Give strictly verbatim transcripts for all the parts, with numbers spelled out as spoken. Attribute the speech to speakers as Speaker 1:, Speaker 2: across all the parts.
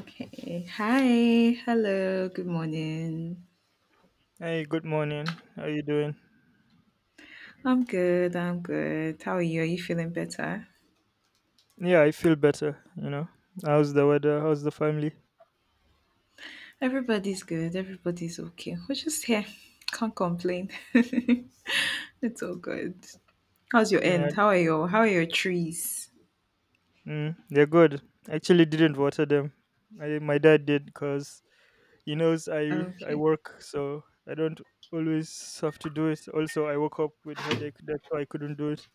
Speaker 1: Okay. Hi. Hello. Good morning.
Speaker 2: Hey, good morning. How you doing?
Speaker 1: I'm good. I'm good. How are you? Are you feeling better?
Speaker 2: Yeah, I feel better, you know. How's the weather? How's the family?
Speaker 1: Everybody's good. Everybody's okay. We're just here. Can't complain. It's all good. How's your
Speaker 2: Yeah,
Speaker 1: end? How are your How are your trees?
Speaker 2: mm, they're good. I Actually didn't water them. I, my dad did, cuz he knows I I
Speaker 1: Okay.
Speaker 2: work, so I don't always have to do it. Also, I woke up with headache, that's why I couldn't do it.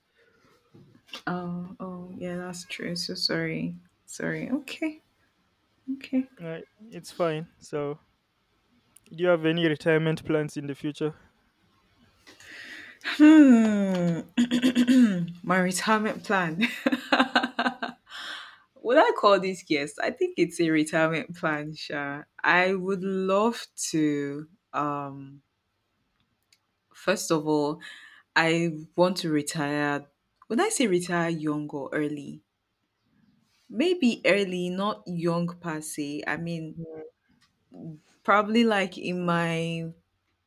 Speaker 1: Oh. Oh. Yeah. That's true. So sorry. Sorry. Okay. Okay.
Speaker 2: Uh, it's fine. So, do you have any retirement plans in the future?
Speaker 1: Hmm. My retirement plan. Would I call this guest? I think it's a retirement plan, Sha. I would love to. Um, first of all, I want to retire. When I say retire young or early, maybe early, not young per se. I mean, probably like in my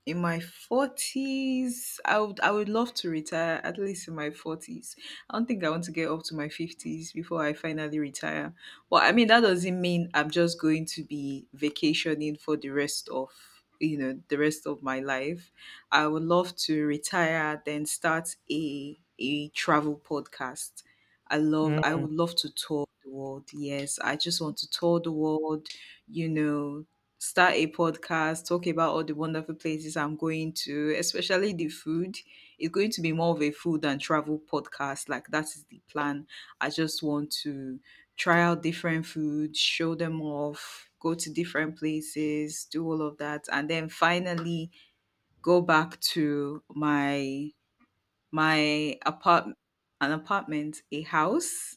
Speaker 1: in my forties, I would I would love to retire at least in my forties. I don't think I want to get up to my fifties before I finally retire. But I mean, that doesn't mean I'm just going to be vacationing for the rest of, you know, the rest of my life. I would love to retire then start a a travel podcast. I love I
Speaker 2: Mm,
Speaker 1: would love to tour the world. Yes, I just want to tour the world, you know, start a podcast, talk about all the wonderful places I'm going to, especially the food. It's going to be more of a food and travel podcast. Like that is the plan. I just want to try out different foods, show them off, go to different places, do all of that, and then finally go back to my my apart an apartment, a house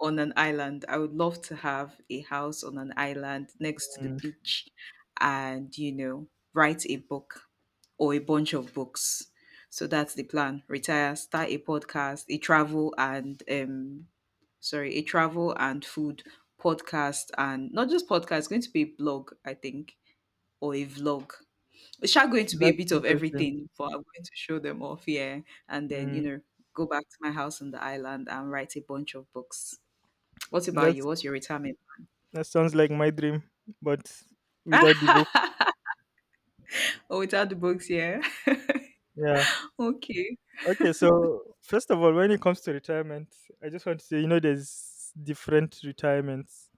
Speaker 1: on an island. I would love to have a house on an island next to the beach and, you know, write a book or a bunch of books. So that's the plan. Retire, start a podcast, a travel and um sorry, a travel and food podcast, and not just podcast, it's going to be a blog, I think, or a vlog. It's sha going to be a
Speaker 2: that's
Speaker 1: bit of
Speaker 2: interesting.
Speaker 1: everything, but I'm going to show them off, yeah, and then you
Speaker 2: Mm,
Speaker 1: know go back to my house on the island and write a bunch of books. What about you?
Speaker 2: that's
Speaker 1: What's your retirement?
Speaker 2: that sounds like my dream, but without the book.
Speaker 1: Oh, without the books, yeah.
Speaker 2: Yeah.
Speaker 1: Okay.
Speaker 2: Okay, so first of all, when it comes to retirement, I just want to say, you know, there's different retirements.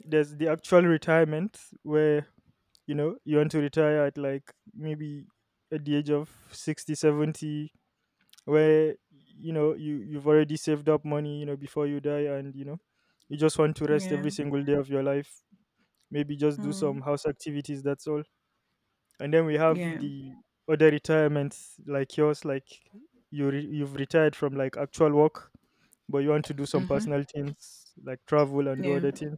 Speaker 2: There's the actual retirement where, you know, you want to retire at like maybe at the age of sixty, seventy, where, you know, you, you've already saved up money, you know, before you die, and, you know, you just want to rest
Speaker 1: Yeah.
Speaker 2: every single day of your life. Maybe just do
Speaker 1: Mm.
Speaker 2: some house activities, that's all, and then we have
Speaker 1: Yeah.
Speaker 2: the other retirements like yours, like you re- you've retired from like actual work, but you want to do some
Speaker 1: Mm-hmm.
Speaker 2: personal things like travel and do
Speaker 1: Yeah.
Speaker 2: other things.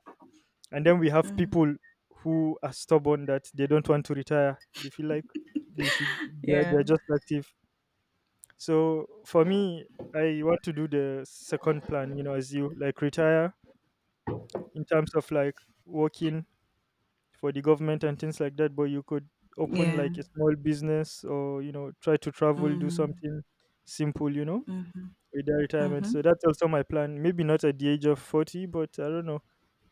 Speaker 2: And then we have
Speaker 1: Mm.
Speaker 2: people who are stubborn, that they don't want to retire. They feel like they should, they're,
Speaker 1: Yeah.
Speaker 2: they're just active. So for me, I want to do the second plan, you know, as you like retire in terms of like working for the government and things like that, but you could open
Speaker 1: Yeah.
Speaker 2: like a small business, or, you know, try to travel, do
Speaker 1: Mm.
Speaker 2: something simple, you know,
Speaker 1: Mm-hmm.
Speaker 2: with their retirement.
Speaker 1: Mm-hmm.
Speaker 2: So that's also my plan, maybe not at the age of forty, but I don't know,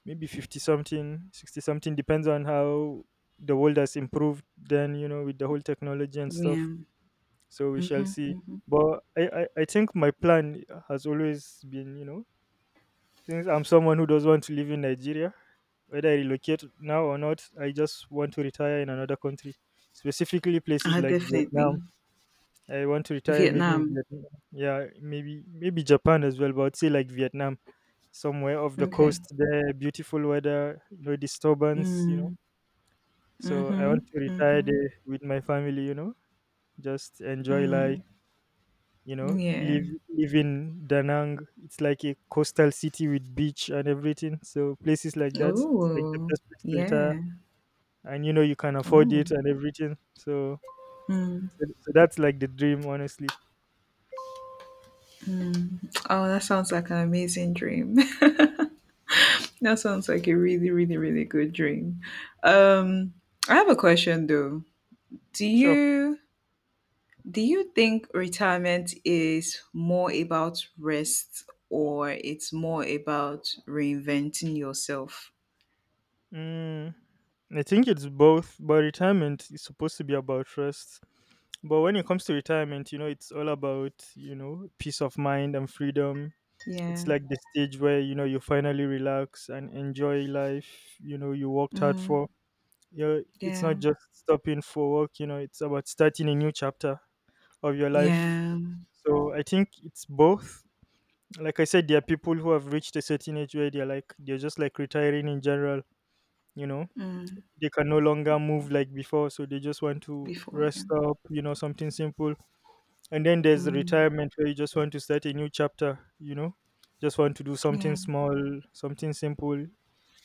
Speaker 2: maybe fifty something, sixty something. Depends on how the world has improved then, you know, with the whole technology and
Speaker 1: Yeah.
Speaker 2: stuff, so we shall
Speaker 1: Mm-hmm.
Speaker 2: see.
Speaker 1: Mm-hmm.
Speaker 2: But i i, I think my plan has always been, you know, since I'm someone who does want to live in Nigeria, whether I relocate now or not, I just want to retire in another country, specifically places
Speaker 1: Ah,
Speaker 2: like Vietnam.
Speaker 1: definitely.
Speaker 2: I want to retire maybe in
Speaker 1: Vietnam.
Speaker 2: Vietnam. Yeah, maybe maybe Japan as well, but I'd say like Vietnam, somewhere off the
Speaker 1: Okay.
Speaker 2: coast there, beautiful weather, no disturbance, you know.
Speaker 1: Mm.
Speaker 2: So I
Speaker 1: Mm-hmm.
Speaker 2: want to retire
Speaker 1: Mm-hmm.
Speaker 2: there with my family, you know, just enjoy life, you know,
Speaker 1: Yeah.
Speaker 2: live live in danang. It's like a coastal city with beach and everything, so places like that, it's like the
Speaker 1: Oh,
Speaker 2: best place to retire,
Speaker 1: yeah.
Speaker 2: and you know you can afford
Speaker 1: Oh.
Speaker 2: it and everything, so so, so that's like the dream honestly.
Speaker 1: Oh, that sounds like an amazing dream. That sounds like a really, really, really good dream. Um, I have a question though. Do
Speaker 2: Sure.
Speaker 1: you do you think retirement is more about rest or it's more about reinventing yourself?
Speaker 2: mm, I think it's both, but retirement is supposed to be about trust. But when it comes to retirement, you know, it's all about, you know, peace of mind and freedom. It's
Speaker 1: Yeah.
Speaker 2: like the stage where, you know, you finally relax and enjoy life, you know, you worked hard
Speaker 1: Mm,
Speaker 2: for you. It's
Speaker 1: yeah.
Speaker 2: not just stopping for work, you know, it's about starting a new chapter of your life.
Speaker 1: Yeah.
Speaker 2: So I think it's both. Like I said, there are people who have reached a certain age where they're like, they're just like retiring in general, you know,
Speaker 1: Mm,
Speaker 2: they can no longer move like before, so they just want to
Speaker 1: before, yeah.
Speaker 2: rest up, you know, something simple. And then there's
Speaker 1: Mm,
Speaker 2: retirement where you just want to start a new chapter, you know, just want to do something
Speaker 1: yeah.
Speaker 2: small, something simple,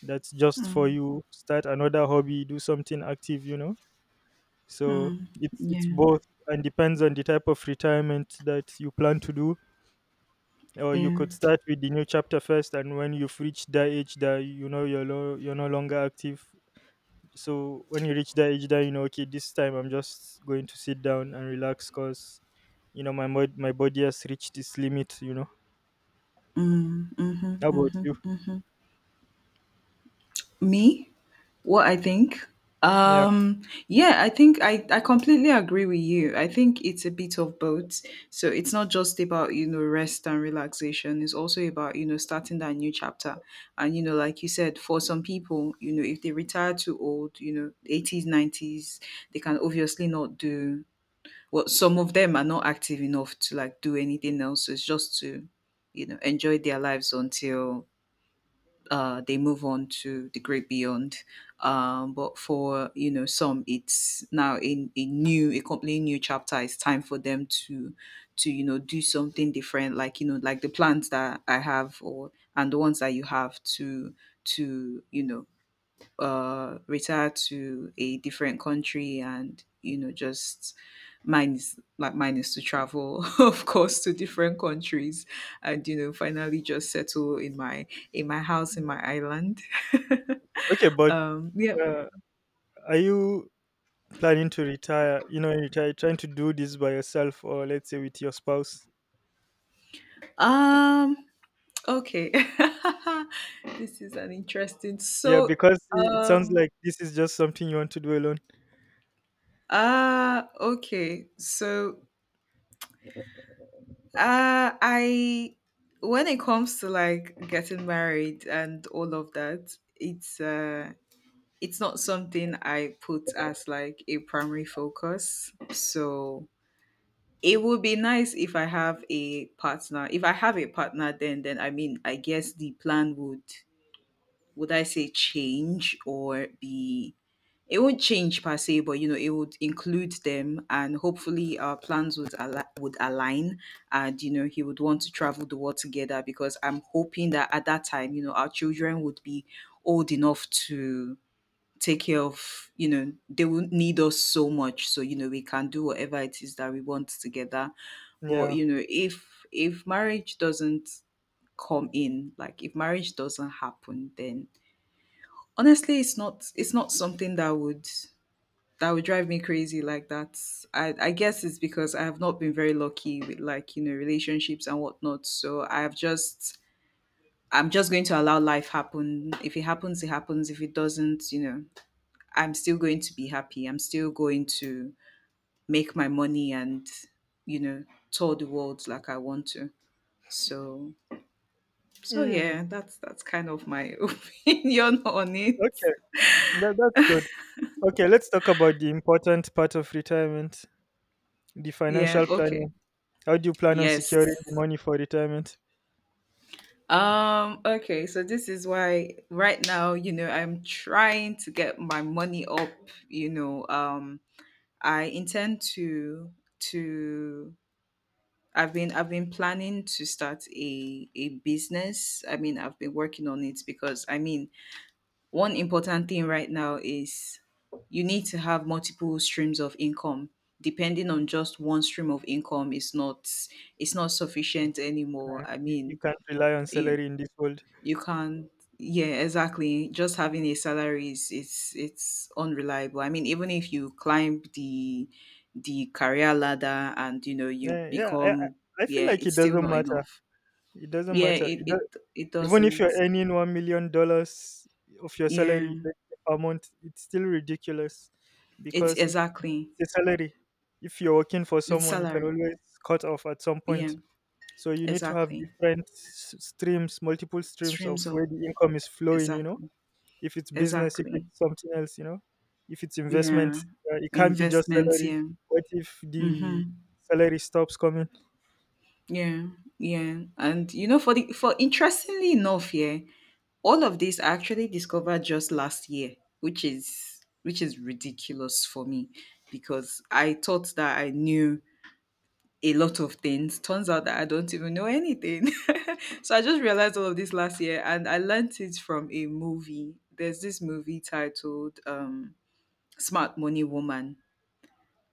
Speaker 2: that's just for
Speaker 1: Mm,
Speaker 2: you. Start another hobby, do something active, you know. So
Speaker 1: mm,
Speaker 2: it's it's
Speaker 1: yeah.
Speaker 2: both and depends on the type of retirement that you plan to do. Or you
Speaker 1: Yeah.
Speaker 2: could start with the new chapter first, and when you've reached that age that you know you're lo- you're no longer active. So when you reach that age, that you know, okay, this time I'm just going to sit down and relax, cause you know my mod- my body has reached its limit. You know.
Speaker 1: Mm, mm-hmm,
Speaker 2: How about
Speaker 1: mm-hmm,
Speaker 2: you?
Speaker 1: mm-hmm. Me? What I think?
Speaker 2: Yeah.
Speaker 1: Um, yeah, I think I, I completely agree with you. I think it's a bit of both. So it's not just about, you know, rest and relaxation. It's also about, you know, starting that new chapter. And, you know, like you said, for some people, you know, if they retire too old, you know, eighties, nineties, they can obviously not do, well, some of them are not active enough to like do anything else. So it's just to, you know, enjoy their lives until uh, they move on to the great beyond. Um, but for you know some, it's now a, a new, a completely new chapter. It's time for them to to you know do something different, like you know, like the plans that I have, or and the ones that you have to to you know uh retire to a different country and you know just mine is like mine is to travel of course to different countries and you know finally just settle in my in my house in my island.
Speaker 2: Okay, but
Speaker 1: um yeah, but yeah.
Speaker 2: uh, are you planning to retire? You know, retire, trying to do this by yourself, or let's say with your spouse?
Speaker 1: um okay, this is an interesting
Speaker 2: Yeah,
Speaker 1: so
Speaker 2: because i- it sounds
Speaker 1: um
Speaker 2: like this is just something you want to do alone.
Speaker 1: ah okay so Uh, I when it comes to like getting married and all of that, it's uh it's not something I put as like a primary focus. So it would be nice if I have a partner. If I have a partner, then then I mean I guess the plan would would I say change or be it won't change per se, but you know, it would include them, and hopefully our plans would al- would align, and you know, he would want to travel the world together, because I'm hoping that at that time, you know, our children would be old enough to take care of, you know, they will need us so much. So, you know, we can do whatever it is that we want together. But,
Speaker 2: Yeah.
Speaker 1: you know, if if marriage doesn't come in, like if marriage doesn't happen, then honestly, it's not it's not something that would that would drive me crazy like that. I, I guess it's because I have not been very lucky with like, you know, relationships and whatnot. So I've just I'm just going to allow life happen. If it happens, it happens. If it doesn't, you know, I'm still going to be happy. I'm still going to make my money and, you know, tour the world like I want to. So so
Speaker 2: Mm,
Speaker 1: yeah, that's that's kind of my opinion on it.
Speaker 2: okay. That, that's good. Okay, let's talk about the important part of retirement, the
Speaker 1: Yeah,
Speaker 2: financial
Speaker 1: okay.
Speaker 2: planning. How do you plan on securing the
Speaker 1: Yes.
Speaker 2: money for retirement?
Speaker 1: Um, okay, so this is why right now, you know, I'm trying to get my money up, you know. Um, I intend to to I've been I've been planning to start a a business. I mean, I've been working on it, because I mean, one important thing right now is you need to have multiple streams of income. Depending on just one stream of income is not it's not sufficient anymore.
Speaker 2: Uh,
Speaker 1: I
Speaker 2: you, you
Speaker 1: mean,
Speaker 2: can't rely on
Speaker 1: you
Speaker 2: salary in this world.
Speaker 1: you can't. Yeah, exactly. Just having a salary is it's it's unreliable. I mean, even if you climb the the career ladder and you know you
Speaker 2: Uh, yeah, I, I
Speaker 1: become
Speaker 2: I feel
Speaker 1: yeah,
Speaker 2: like it
Speaker 1: it's still
Speaker 2: doesn't
Speaker 1: not
Speaker 2: matter.
Speaker 1: enough.
Speaker 2: It doesn't
Speaker 1: Yeah,
Speaker 2: matter.
Speaker 1: it
Speaker 2: It,
Speaker 1: it
Speaker 2: do-
Speaker 1: it
Speaker 2: Even if
Speaker 1: doesn't.
Speaker 2: you're earning one million dollars of your
Speaker 1: Yeah,
Speaker 2: salary, let's say, per month, it's still ridiculous,
Speaker 1: it's
Speaker 2: because it's
Speaker 1: exactly
Speaker 2: it's a salary. If you're working for
Speaker 1: it's
Speaker 2: someone, you can
Speaker 1: salary.
Speaker 2: always cut off at some
Speaker 1: Yeah,
Speaker 2: point. So you need to have
Speaker 1: exactly.
Speaker 2: different s- streams, multiple streams of
Speaker 1: Streams
Speaker 2: where
Speaker 1: of
Speaker 2: the income is flowing. You know,
Speaker 1: exactly,
Speaker 2: if it's business, if
Speaker 1: exactly.
Speaker 2: it's something else, you know, if it's investment,
Speaker 1: Yeah,
Speaker 2: uh, it can't be just
Speaker 1: investments.
Speaker 2: salary.
Speaker 1: Yeah.
Speaker 2: What if
Speaker 1: Mm-hmm.
Speaker 2: the salary stops coming?
Speaker 1: Yeah, yeah, and you know, for the for interestingly enough, yeah, all of this I actually discovered just last year, which is which is ridiculous for me because I thought that I knew a lot of things. Turns out that I don't even know anything. So I just realized all of this last year, and I learned it from a movie. There's this movie titled um Smart Money Woman.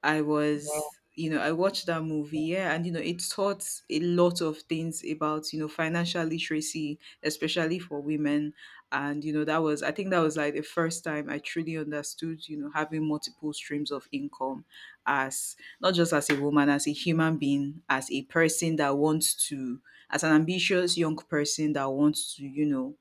Speaker 1: I
Speaker 2: Wow.
Speaker 1: was, you know, I watched that movie, yeah, and you know, it taught a lot of things about, you know, financial literacy, especially for women. And, you know, that was, I think that was like the first time I truly understood, you know, having multiple streams of income, as not just as a woman, as a human being, as a person that wants to, as an ambitious young person that wants to, you know,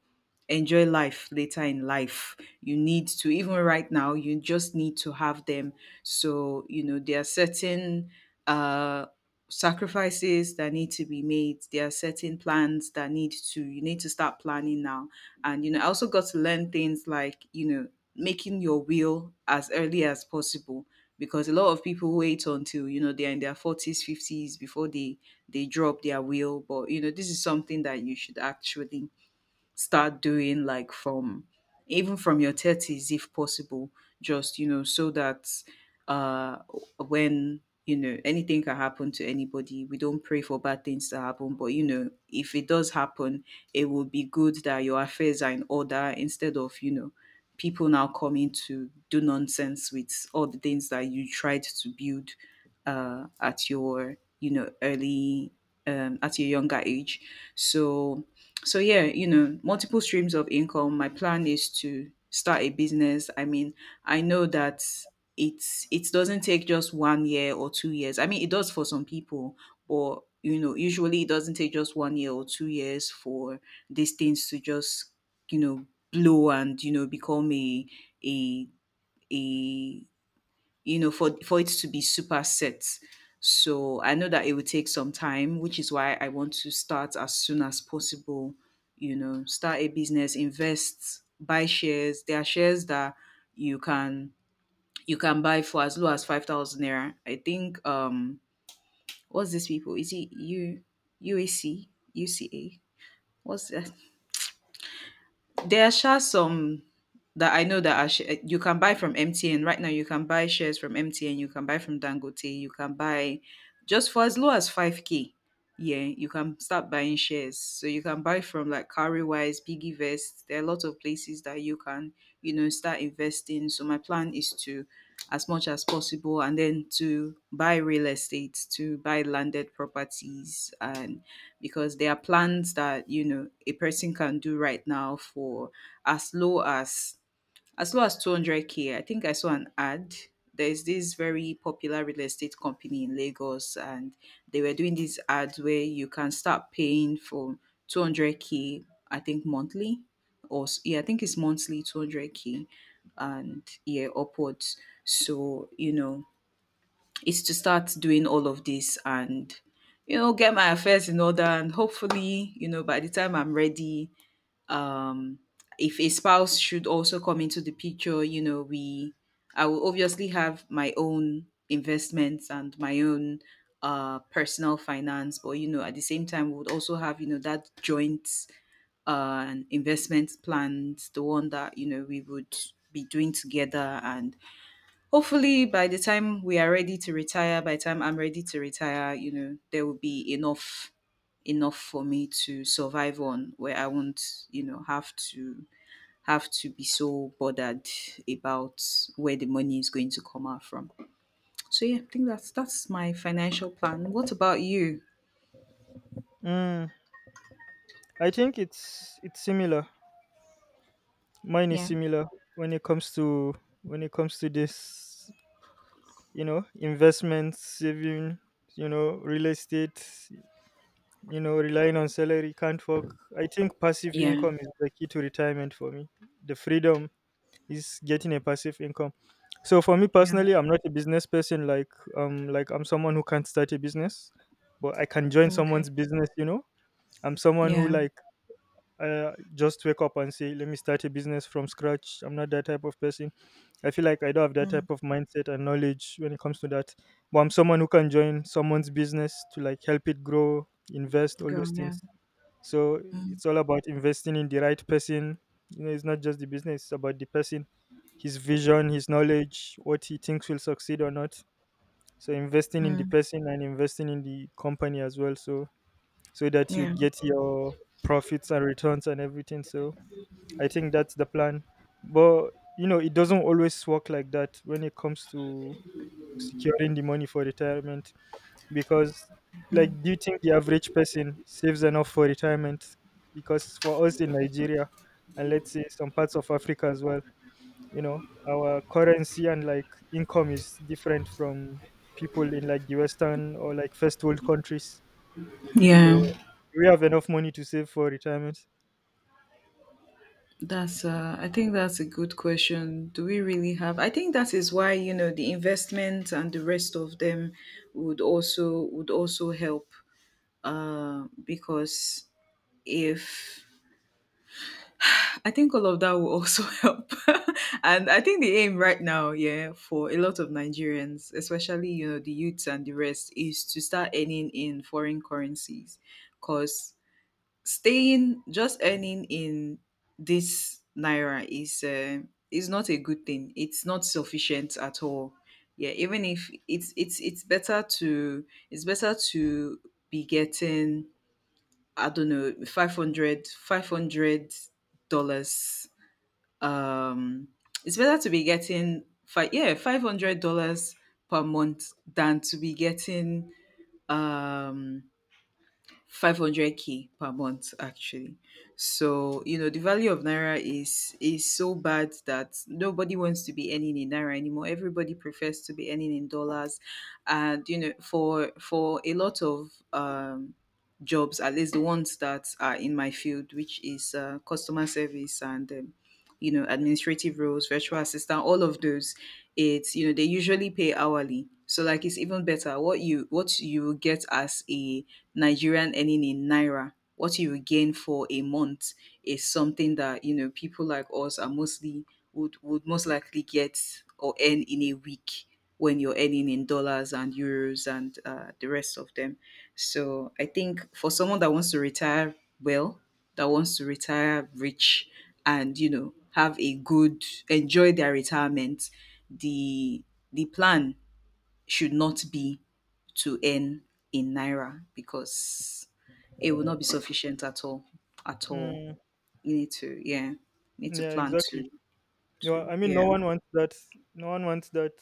Speaker 1: enjoy life later in life. You need to, even right now, you just need to have them. So, you know, there are certain uh, sacrifices that need to be made. There are certain plans that need to, you need to start planning now. And, you know, I also got to learn things like, you know, making your will as early as possible, because a lot of people wait until you know they're in their forties fifties before they they drop their will, but you know this is something that you should actually start doing like from even from your thirties if possible, just you know so that uh when you know anything can happen to anybody. We don't pray for bad things to happen, but you know if it does happen, it would be good that your affairs are in order, instead of you know people now coming to do nonsense with all the things that you tried to build uh, at your you know early, um, at your younger age. So so yeah, you know multiple streams of income, my plan is to start a business. I mean, I know that it's it doesn't take just one year or two years. I mean, it does for some people, but you know usually it doesn't take just one year or two years for these things to just you know blow and you know become a a a you know, for for it to be super set. So I know that it will take some time, which is why I want to start as soon as possible. You know, start a business, invest, buy shares. There are shares that you can you can buy for as low as five thousand naira. I think um what's this people? Is it U UAC? U C A? What's I There are sha some that I know that are sh- eh, you can buy from M T N right now. You can buy shares from M T N. You can buy from Dangote. You can buy just for as low as five k. Yeah, you can start buying shares. So you can buy from like Cowrywise, Piggyvest. There are a lot of places that you can you know start investing. So my plan is to as much as possible, and then to buy real estate, to buy landed properties, and because there are plans that you know a person can do right now for as low as as low as two hundred k. I think I saw an ad. There's this very popular real estate company in Lagos, and they were doing these ads where you can start paying for two hundred k, I think monthly. Or s- yeah, I think it's monthly two hundred k and yeah upwards. So you know is to start doing all of this, and you know get my affairs in order, and hopefully you know by the time I'm ready, um if a spouse should also come into the picture, you know we I will obviously have my own investments and my own uh personal finance. But you know at the same time, we would also have you know that joint uh investment plans, the one that you know we would be doing together. And hopefully, by the time we are ready to retire, by the time I'm ready to retire, you know, there will be enough enough for me to survive on, where I won't, you know, have to have to be so bothered about where the money is going to come out from. So yeah, I think that's that's my financial plan. What about you?
Speaker 2: Mm, I think it's it's similar, mine is
Speaker 1: Yeah.
Speaker 2: similar, when it comes to when it comes to this, you know, investment, saving, you know, real estate, you know, relying on salary can't work. I think passive
Speaker 1: Yeah.
Speaker 2: income is the key to retirement for me. The freedom is getting a passive income. So for me
Speaker 1: Yeah.
Speaker 2: personally, I'm not a business person, like um like I'm someone who can't start a business, but I can join
Speaker 1: Okay.
Speaker 2: someone's business, you know. I'm someone who
Speaker 1: Yeah.
Speaker 2: like, uh, just wake up and say let me start a business from scratch, I'm not that type of person. I feel like I don't have that
Speaker 1: Mm.
Speaker 2: type of mindset and knowledge when it comes to that. But I'm someone who can join someone's business to like help it grow, invest, all
Speaker 1: Go.
Speaker 2: those
Speaker 1: Yeah.
Speaker 2: things. So
Speaker 1: Mm.
Speaker 2: it's all about investing in the right person. You know, it's not just the business, it's about the person, his vision, his knowledge, what he thinks will succeed or not. So investing in the
Speaker 1: Mm.
Speaker 2: person and investing in the company as well. So so that you
Speaker 1: Yeah.
Speaker 2: get your profits and returns and everything. So I think that's the plan. But you know, it doesn't always work like that when it comes to securing the money for retirement. Because, like,
Speaker 1: Mm.
Speaker 2: do you think the average person saves enough for retirement? Because for us in Nigeria, and let's say some parts of Africa as well, you know, our currency and like income is different from people in like the Western or like first world countries.
Speaker 1: Yeah.
Speaker 2: So, do we have enough money to save for retirement?
Speaker 1: That's uh, I think that's a good question. Do we really have? I think that is why you know the investment and the rest of them would also would also help, uh, because if I think all of that will also help. And I think the aim right now, yeah, for a lot of Nigerians, especially you know the youths and the rest, is to start earning in foreign currencies, because staying, just earning in this naira is uh, is not a good thing. It's not sufficient at all. Yeah, even if it's it's it's better to, it's better to be getting, I don't know, five hundred five hundred dollars. um it's better to be getting five, yeah, five hundred dollars per month than to be getting, um five hundred k per month actually. So you know the value of naira is is so bad that nobody wants to be earning in naira anymore. Everybody prefers to be earning in dollars. And you know for for a lot of um jobs, at least the ones that are in my field, which is uh, customer service and, um, you know administrative roles, virtual assistant, all of those. It's you know they usually pay hourly, so like it's even better. What you what you will get as a Nigerian earning in naira, what you will gain for a month is something that you know people like us are mostly, would would most likely get or earn in a week when you're earning in dollars and euros and uh, the rest of them. So I think for someone that wants to retire well, that wants to retire rich, and you know have a good, enjoy their retirement, the the plan should not be to earn in naira, because it will not be sufficient at all at all.
Speaker 2: Mm,
Speaker 1: You need to, yeah, need to
Speaker 2: yeah,
Speaker 1: plan
Speaker 2: exactly.
Speaker 1: to,
Speaker 2: No, I
Speaker 1: to
Speaker 2: mean,
Speaker 1: yeah.
Speaker 2: no one wants that. No one wants that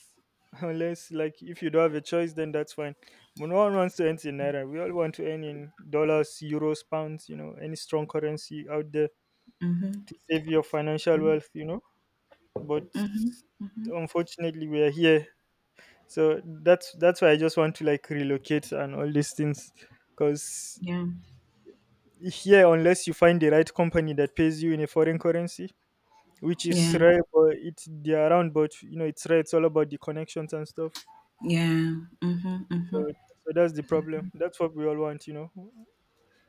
Speaker 2: unless, like, if you don't have a choice, then that's fine. But no one wants to earn in naira. We all want to earn in dollars, euros, pounds. You know, any strong currency out there
Speaker 1: Mm-hmm.
Speaker 2: to save your financial
Speaker 1: Mm-hmm.
Speaker 2: wealth, you know. But
Speaker 1: Mm-hmm. Mm-hmm.
Speaker 2: unfortunately, we are here, so that's that's why I just want to like relocate and all these things, because
Speaker 1: Yeah.
Speaker 2: here, unless you find the right company that pays you in a foreign currency, which is
Speaker 1: Yeah.
Speaker 2: rare, but it's they're around, but you know it's rare. It's all about the connections and stuff.
Speaker 1: Yeah. Mm-hmm. Mm-hmm.
Speaker 2: So so that's the problem. That's what we all want, you know.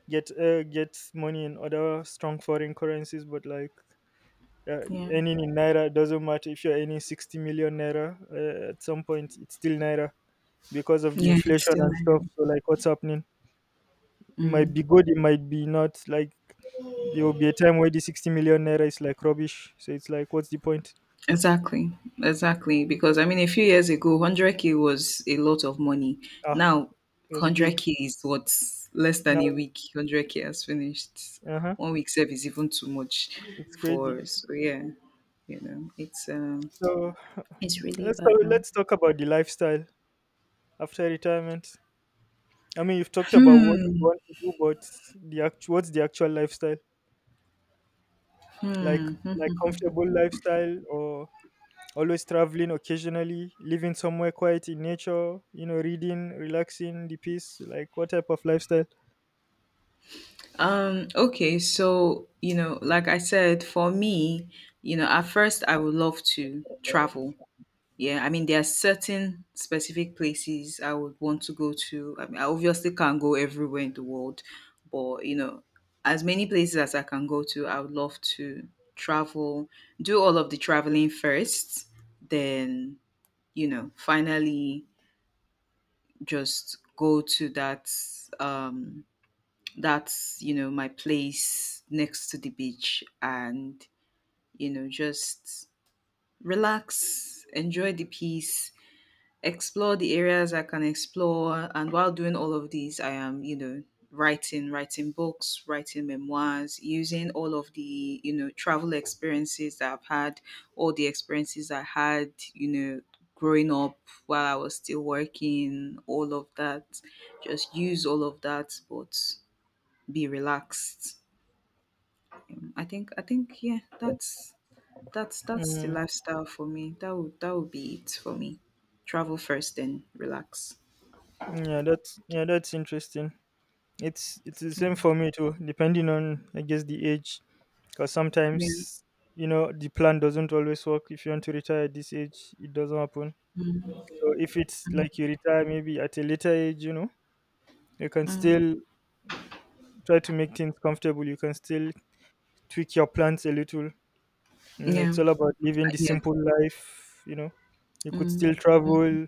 Speaker 2: Get uh, get money in other strong foreign currencies, but like yeah,
Speaker 1: Yeah.
Speaker 2: earning in naira doesn't matter if you're earning sixty million naira. Uh, at some point, it's still naira because of the
Speaker 1: Yeah, it's
Speaker 2: inflation
Speaker 1: still
Speaker 2: and
Speaker 1: naira.
Speaker 2: stuff. So, like, what's happening? It might
Speaker 1: Mm.
Speaker 2: be good, it might be not. Like, there will be a time where the sixty million naira is like rubbish. So, it's like, what's the point?
Speaker 1: Exactly, exactly. Because I mean, a few years ago, one hundred k was a lot of money.
Speaker 2: Ah,
Speaker 1: Now,
Speaker 2: it was big.
Speaker 1: one hundred k is what? Less than
Speaker 2: Now,
Speaker 1: a week. one hundred k has finished.
Speaker 2: uh huh,
Speaker 1: One week save is even too much
Speaker 2: it's crazy.
Speaker 1: for. So yeah, you know, it's um,
Speaker 2: So,
Speaker 1: it's really
Speaker 2: let's talk,
Speaker 1: bad now.
Speaker 2: let's talk about the lifestyle after retirement. I mean, you've talked about what you
Speaker 1: Hmm.
Speaker 2: want to do, but the actual what's the actual lifestyle like? Like comfortable lifestyle, or always traveling occasionally, living somewhere quiet in nature, you know, reading, relaxing, the peace. Like what type of lifestyle?
Speaker 1: Um, okay, so you know, like I said, for me, you know, at first I would love to travel. Yeah, I mean, there are certain specific places I would want to go to. I mean, I obviously can't go everywhere in the world, but you know, as many places as I can go to, I would love to travel, do all of the traveling first, then, you know, finally just go to that, um that's, you know, my place next to the beach, and, you know, just relax, enjoy the peace, explore the areas I can explore. And while doing all of these, I am, you know, writing, writing books, writing memoirs, using all of the, you know, travel experiences that I've had, all the experiences I had, you know, growing up, while I was still working, all of that. Just use all of that, but be relaxed. Um, I think, I think, yeah, that's. That's that's the
Speaker 2: Mm,
Speaker 1: lifestyle for me. That would that would be it for me. Travel first, then relax.
Speaker 2: yeah, that's yeah, that's interesting. It's it's the
Speaker 1: Yeah,
Speaker 2: same for me too, depending on I guess the age, because
Speaker 1: yeah,
Speaker 2: sometimes you know the plan doesn't always work. If you want to retire at this age, it doesn't happen. So if it's like you retire maybe at a later age, you know, you can
Speaker 1: mm,
Speaker 2: still try to make things comfortable. You can still tweak your plans a little. You know,
Speaker 1: yeah, uh,
Speaker 2: it's all about living the
Speaker 1: yeah,
Speaker 2: simple life. You know, you could still
Speaker 1: mm, mm,
Speaker 2: travel.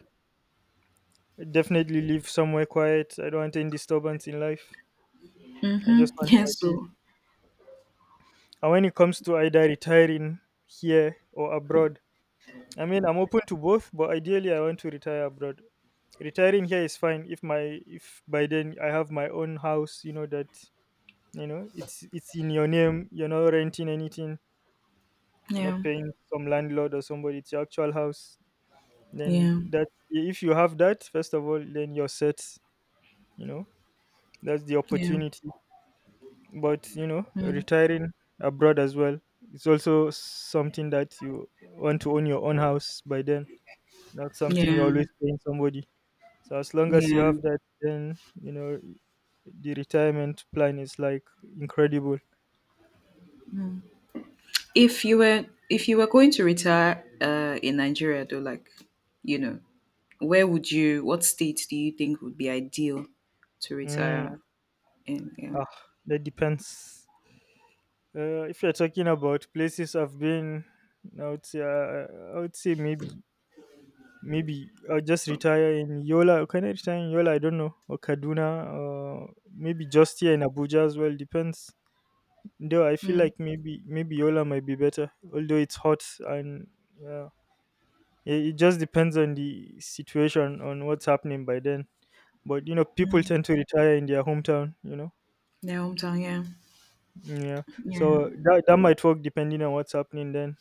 Speaker 2: Definitely live somewhere quiet. I don't want any disturbance in life. I
Speaker 1: mm-hmm.
Speaker 2: just want
Speaker 1: Yeah,
Speaker 2: my peace.
Speaker 1: so,
Speaker 2: And when it comes to either retiring here or abroad, I mean, I'm open to both, but ideally, I want to retire abroad. Retiring here is fine if my if by then I have my own house. You know that, you know, it's it's in your name. You're not renting anything. You're
Speaker 1: yeah,
Speaker 2: not paying some landlord or somebody. It's your actual house.
Speaker 1: yeah,
Speaker 2: Then that if you have that, first of all, then you're set. You know, that's the
Speaker 1: yeah,
Speaker 2: opportunity. But you know,
Speaker 1: mm,
Speaker 2: retiring abroad as well, it's also something that you want to own your own house by then. Not something you're
Speaker 1: yeah,
Speaker 2: always paying somebody. So as long as you
Speaker 1: yeah.
Speaker 2: have that, then you know the retirement plan is like incredible.
Speaker 1: If you were, if you were going to retire, uh, in Nigeria, though, like, you know, where would you, what state do you think would be ideal to
Speaker 2: Mm,
Speaker 1: retire in? Yeah,
Speaker 2: ah, that depends. Uh, if you're talking about places I've been, I would say, uh, I would say maybe Maybe I'll just retire in Yola. Can I retire in Yola? I don't know. Or Kaduna, or maybe just here in Abuja as well. Depends. Though I feel
Speaker 1: mm,
Speaker 2: like maybe maybe Yola might be better, although it's hot and yeah, it, it just depends on the situation on what's happening by then. But you know, people
Speaker 1: mm,
Speaker 2: tend to retire in their hometown. You know,
Speaker 1: yeah, hometown, yeah,
Speaker 2: yeah.
Speaker 1: yeah,
Speaker 2: So that that might work depending on what's happening then.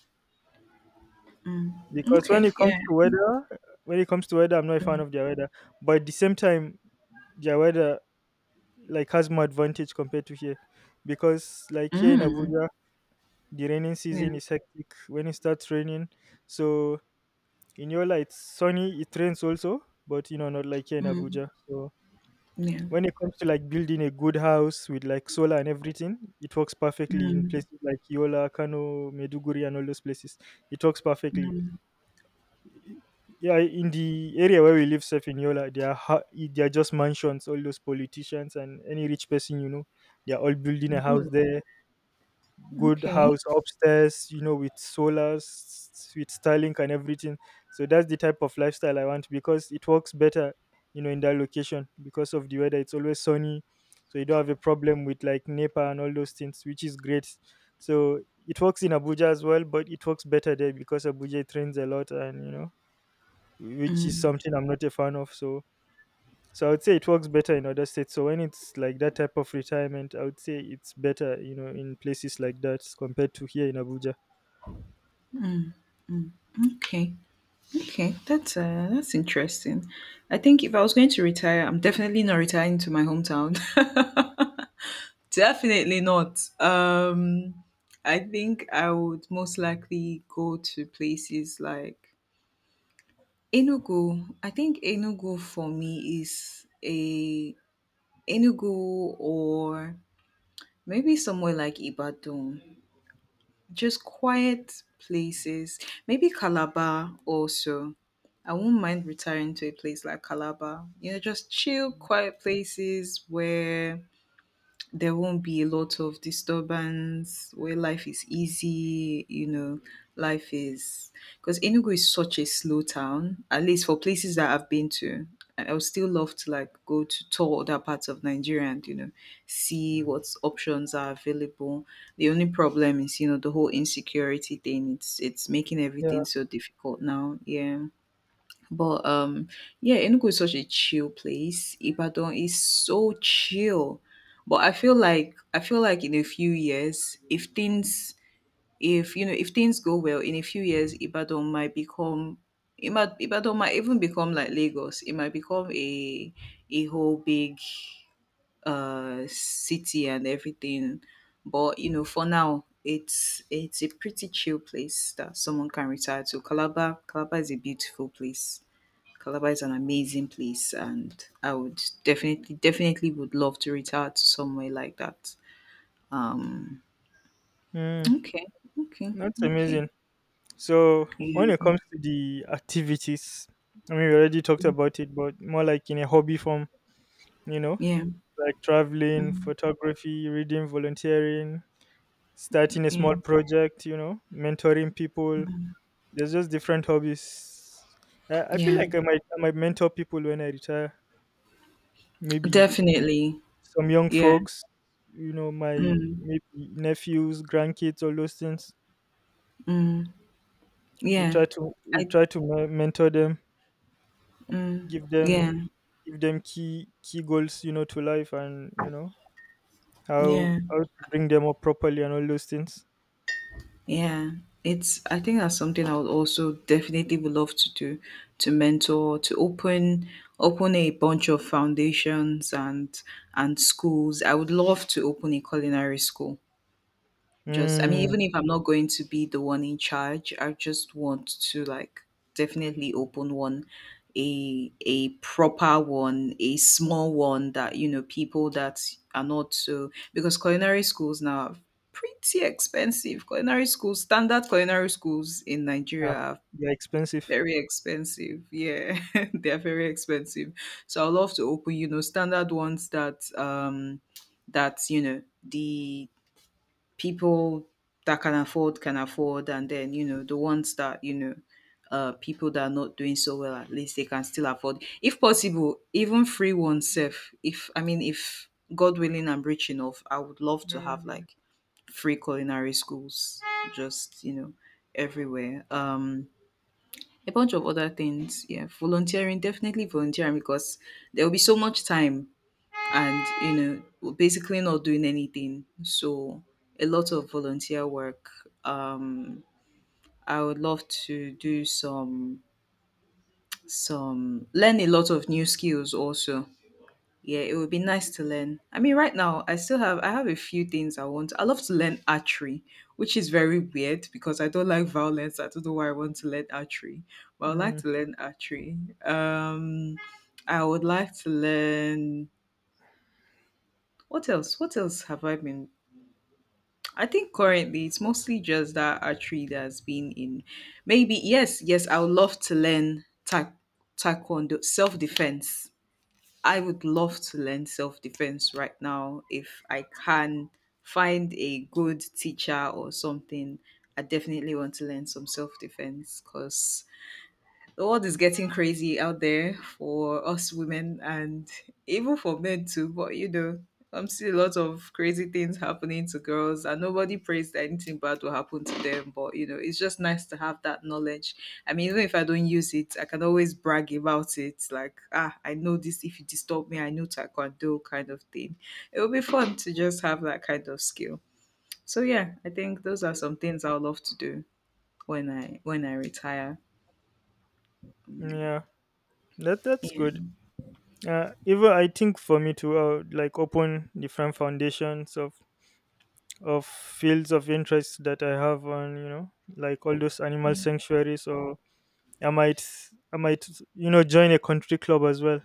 Speaker 1: mm.
Speaker 2: Because
Speaker 1: Okay,
Speaker 2: when it comes
Speaker 1: yeah, I
Speaker 2: to
Speaker 1: think,
Speaker 2: weather, When it comes to weather, I'm not a fan
Speaker 1: mm,
Speaker 2: of their weather. But at the same time, their weather like has more advantage compared to here, because like here in
Speaker 1: mm,
Speaker 2: Abuja the raining
Speaker 1: yeah,
Speaker 2: season is hectic when it starts raining. So in Yola it's sunny, it rains also, but you know, not like here in
Speaker 1: mm,
Speaker 2: Abuja. So
Speaker 1: yeah.
Speaker 2: when it comes to like building a good house with like solar and everything, it works perfectly in
Speaker 1: Mm,
Speaker 2: places like Yola, Kano, Meduguri and all those places. It works perfectly.
Speaker 1: mm,
Speaker 2: Yeah, in the area where we live safe in Yola, they are ha- they are just mansions. All those politicians and any rich person, you know, they are all building a
Speaker 1: mm.
Speaker 2: house
Speaker 1: Ooh.
Speaker 2: there. Good
Speaker 1: Okay,
Speaker 2: house upstairs, you know, with solars, with Starlink and everything. So that's the type of lifestyle I want, because it works better, you know, in that location. Because of the weather, it's always sunny, so you don't have a problem with like NEPA and all those things, which is great. So it works in Abuja as well, but it works better there because Abuja, it rains a lot and you know, which is something I'm not a fan of. So, so I would say it works better in other states. So when it's like that type of retirement, I would say it's better, you know, in places like that compared to here in Abuja.
Speaker 1: okay, okay. That's uh, that's interesting. I think if I was going to retire, I'm definitely not retiring to my hometown. Definitely not. Um, I think I would most likely go to places like Enugu. I think Enugu for me is a, Enugu or maybe somewhere like Ibadan. Just quiet places. Maybe Calabar also. I will not mind retiring to a place like Calabar. You know, just chill, quiet places where there won't be a lot of disturbance, where life is easy, you know life is, because Enugu is such a slow town, at least for places that I've been to. i I would still love to like go to tour other parts of Nigeria, and you know see what options are available. The only problem is, you know the whole insecurity thing, it's it's making
Speaker 2: Yeah,
Speaker 1: everything so difficult now, yeah. But, um, yeah, Enugu is such a chill place. Ibadan is so chill. But I feel like I feel like in a few years, if things, if you know if things go well, in a few years, Ibadan might become, it might, Ibadan might even become like Lagos. It might become a a whole big uh city and everything. But you know, for now, it's it's a pretty chill place that someone can retire to. Calabar, Calabar is a beautiful place. Calabar is an amazing place, and I would definitely, definitely would love to retire to somewhere like that. Um,
Speaker 2: mm,
Speaker 1: okay, okay,
Speaker 2: that's
Speaker 1: okay.
Speaker 2: amazing. So when
Speaker 1: Yeah,
Speaker 2: it comes to the activities, I mean, we already talked about it, but more like in a hobby form, you know,
Speaker 1: yeah,
Speaker 2: like traveling,
Speaker 1: mm,
Speaker 2: photography, reading, volunteering, starting a
Speaker 1: yeah,
Speaker 2: small project, you know, mentoring people. There's just different hobbies. I, I feel
Speaker 1: yeah.
Speaker 2: like I might I might mentor people when I retire. Maybe
Speaker 1: Definitely.
Speaker 2: some young
Speaker 1: Yeah.
Speaker 2: folks, you know, my
Speaker 1: Mm,
Speaker 2: maybe nephews, grandkids, all those things.
Speaker 1: mm,
Speaker 2: You
Speaker 1: yeah.
Speaker 2: try to you
Speaker 1: I.
Speaker 2: try to me- mentor them,
Speaker 1: Mm,
Speaker 2: give
Speaker 1: yeah.
Speaker 2: them give them key key goals, you know, to life, and you know how
Speaker 1: Yeah.
Speaker 2: how to bring them up properly and all those things.
Speaker 1: Yeah, it's, I think that's something I would also definitely would love to do, to mentor, to open, open a bunch of foundations and, and schools. I would love to open a culinary school. Just, I mean,
Speaker 2: Mm,
Speaker 1: even if I'm not going to be the one in charge, I just want to like definitely open one, a a proper one, a small one that, you know, people that are not so, because culinary schools now are pretty expensive. Culinary schools, standard culinary schools in
Speaker 2: yeah,
Speaker 1: Nigeria are
Speaker 2: they're expensive.
Speaker 1: very expensive. Yeah, they are very expensive. So I'd love to open, you know, standard ones that, um that, you know the people that can afford can afford, and then, you know the ones that, you know uh people that are not doing so well, at least they can still afford. If possible, even free oneself. If, I mean, if God willing I'm rich enough, I would love to have like free culinary schools, just, you know everywhere. um a bunch of other things. Yeah, volunteering, definitely volunteering, because there will be so much time, and, you know basically not doing anything. So a lot of volunteer work. um I would love to do some, some learn a lot of new skills also. Yeah, it would be nice to learn. I mean, right now I still have, I have a few things I want, I love to learn archery, which is very weird because I don't like violence. I don't know why I want to learn archery, but I like
Speaker 2: Mm,
Speaker 1: to learn archery. um I would like to learn, what else, what else have I been. I think currently it's mostly just that archery that's been in. Maybe, yes, yes, I would love to learn ta- taekwondo, self defense. I would love to learn self defense right now if I can find a good teacher or something. I definitely want to learn some self defense, because the world is getting crazy out there for us women, and even for men too. But, you know, I'm seeing a lot of crazy things happening to girls, and nobody prays that anything bad will happen to them. But, you know, it's just nice to have that knowledge. I mean, even if I don't use it, I can always brag about it. Like, ah, I know this. If you disturb me, I know taekwondo kind of thing. It would be fun to just have that kind of skill. So yeah, I think those are some things i will love to do when I when I retire.
Speaker 2: yeah, that that's
Speaker 1: Yeah.
Speaker 2: good. Uh, even I think for me to uh, like open different foundations of of fields of interest that I have on, you know, like all those animal sanctuaries. Or I might I might you know join a country club as well.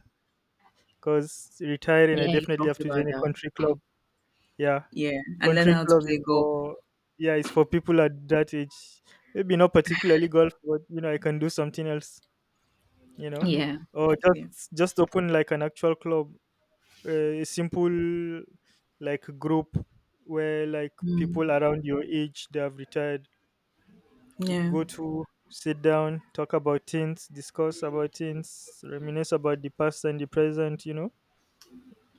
Speaker 2: Cause retiring, I
Speaker 1: Yeah, you
Speaker 2: definitely have
Speaker 1: talked
Speaker 2: to join
Speaker 1: about
Speaker 2: a
Speaker 1: that.
Speaker 2: country club. Yeah,
Speaker 1: Yeah, and learn
Speaker 2: country
Speaker 1: how to
Speaker 2: club is
Speaker 1: play golf.
Speaker 2: for, yeah, it's for people at that age. Maybe not particularly golf, but you know, I can do something else. You know,
Speaker 1: Yeah.
Speaker 2: or
Speaker 1: Yeah.
Speaker 2: just just open like an actual club, uh, a simple like group where like
Speaker 1: Mm.
Speaker 2: people around your age that have retired could
Speaker 1: Yeah.
Speaker 2: go to, sit down, talk about things, discuss about things, reminisce about the past and the present, you know.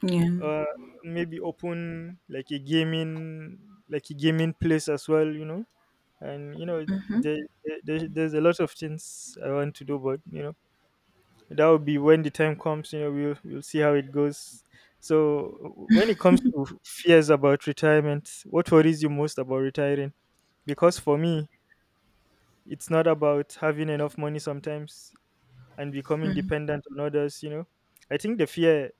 Speaker 1: Yeah.
Speaker 2: uh, Maybe open like a gaming like a gaming place as well, you know. And you know there, there there's a lot of things I want to do, but you know, that will be when the time comes. You know, we'll we'll see how it goes. So when it comes to fears about retirement, what worries you most about retiring? Because for me, it's not about having enough money sometimes and becoming dependent on others, you know. I think the fear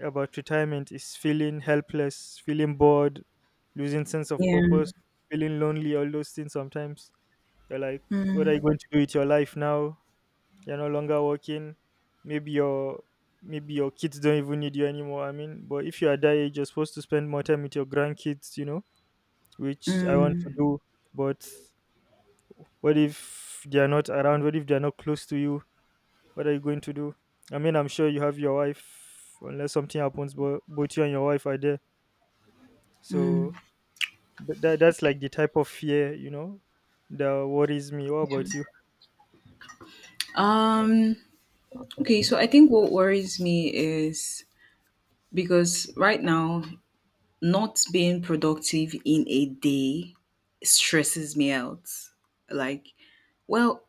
Speaker 2: about retirement is feeling helpless, feeling bored, losing sense of
Speaker 1: Yeah.
Speaker 2: purpose, feeling lonely, all those things sometimes. You're like, what are you
Speaker 1: Mm.
Speaker 2: going to do with your life now? You're no longer working. Maybe your maybe your kids don't even need you anymore. I mean, but if you are that age, you're supposed to spend more time with your grandkids, you know, which I want to
Speaker 1: Mm.
Speaker 2: do. But what if they are not around? What if they are not close to you? What are you going to do? I mean, I'm sure you have your wife, unless something happens, but both you and your wife are there. So
Speaker 1: Mm.
Speaker 2: th- that that's like the type of fear, you know, that worries me. What about you?
Speaker 1: Um. Okay. So I think what worries me is because right now not being productive in a day stresses me out. Like, well,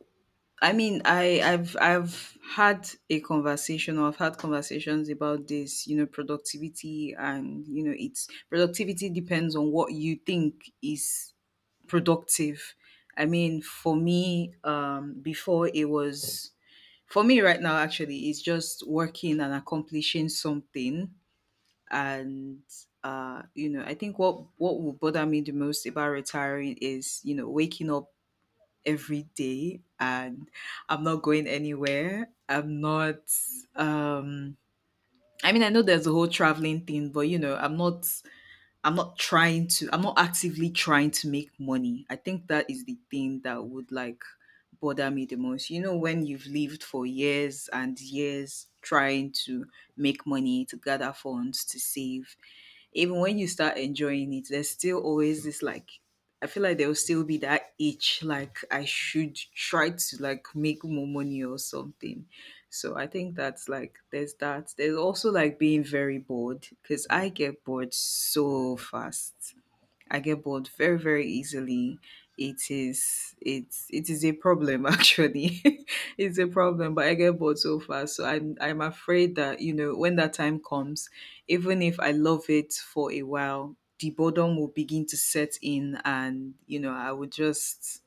Speaker 1: I mean, I, I've I've had a conversation, or I've had conversations about this, you know, productivity. And you know, it's productivity depends on what you think is productive. I mean, for me, um, before it was, for me right now actually, it's just working and accomplishing something. And uh, you know, I think what what will bother me the most about retiring is, you know, waking up every day and I'm not going anywhere. I'm not um I mean, I know there's the whole traveling thing, but you know, I'm not I'm not trying to I'm not actively trying to make money. I think that is the thing that would, like, bother me the most. You know, when you've lived for years and years trying to make money, to gather funds, to save, even when you start enjoying it, there's still always this, like, I feel like there will still be that itch, like I should try to, like, make more money or something. So I think that's, like, there's that. There's also, like, being very bored because I get bored so fast. I get bored very, very easily. It is it's it is a problem actually. It's a problem, but I get bored so fast. So I'm I'm afraid that, you know, when that time comes, even if I love it for a while, the boredom will begin to set in, and you know, I would just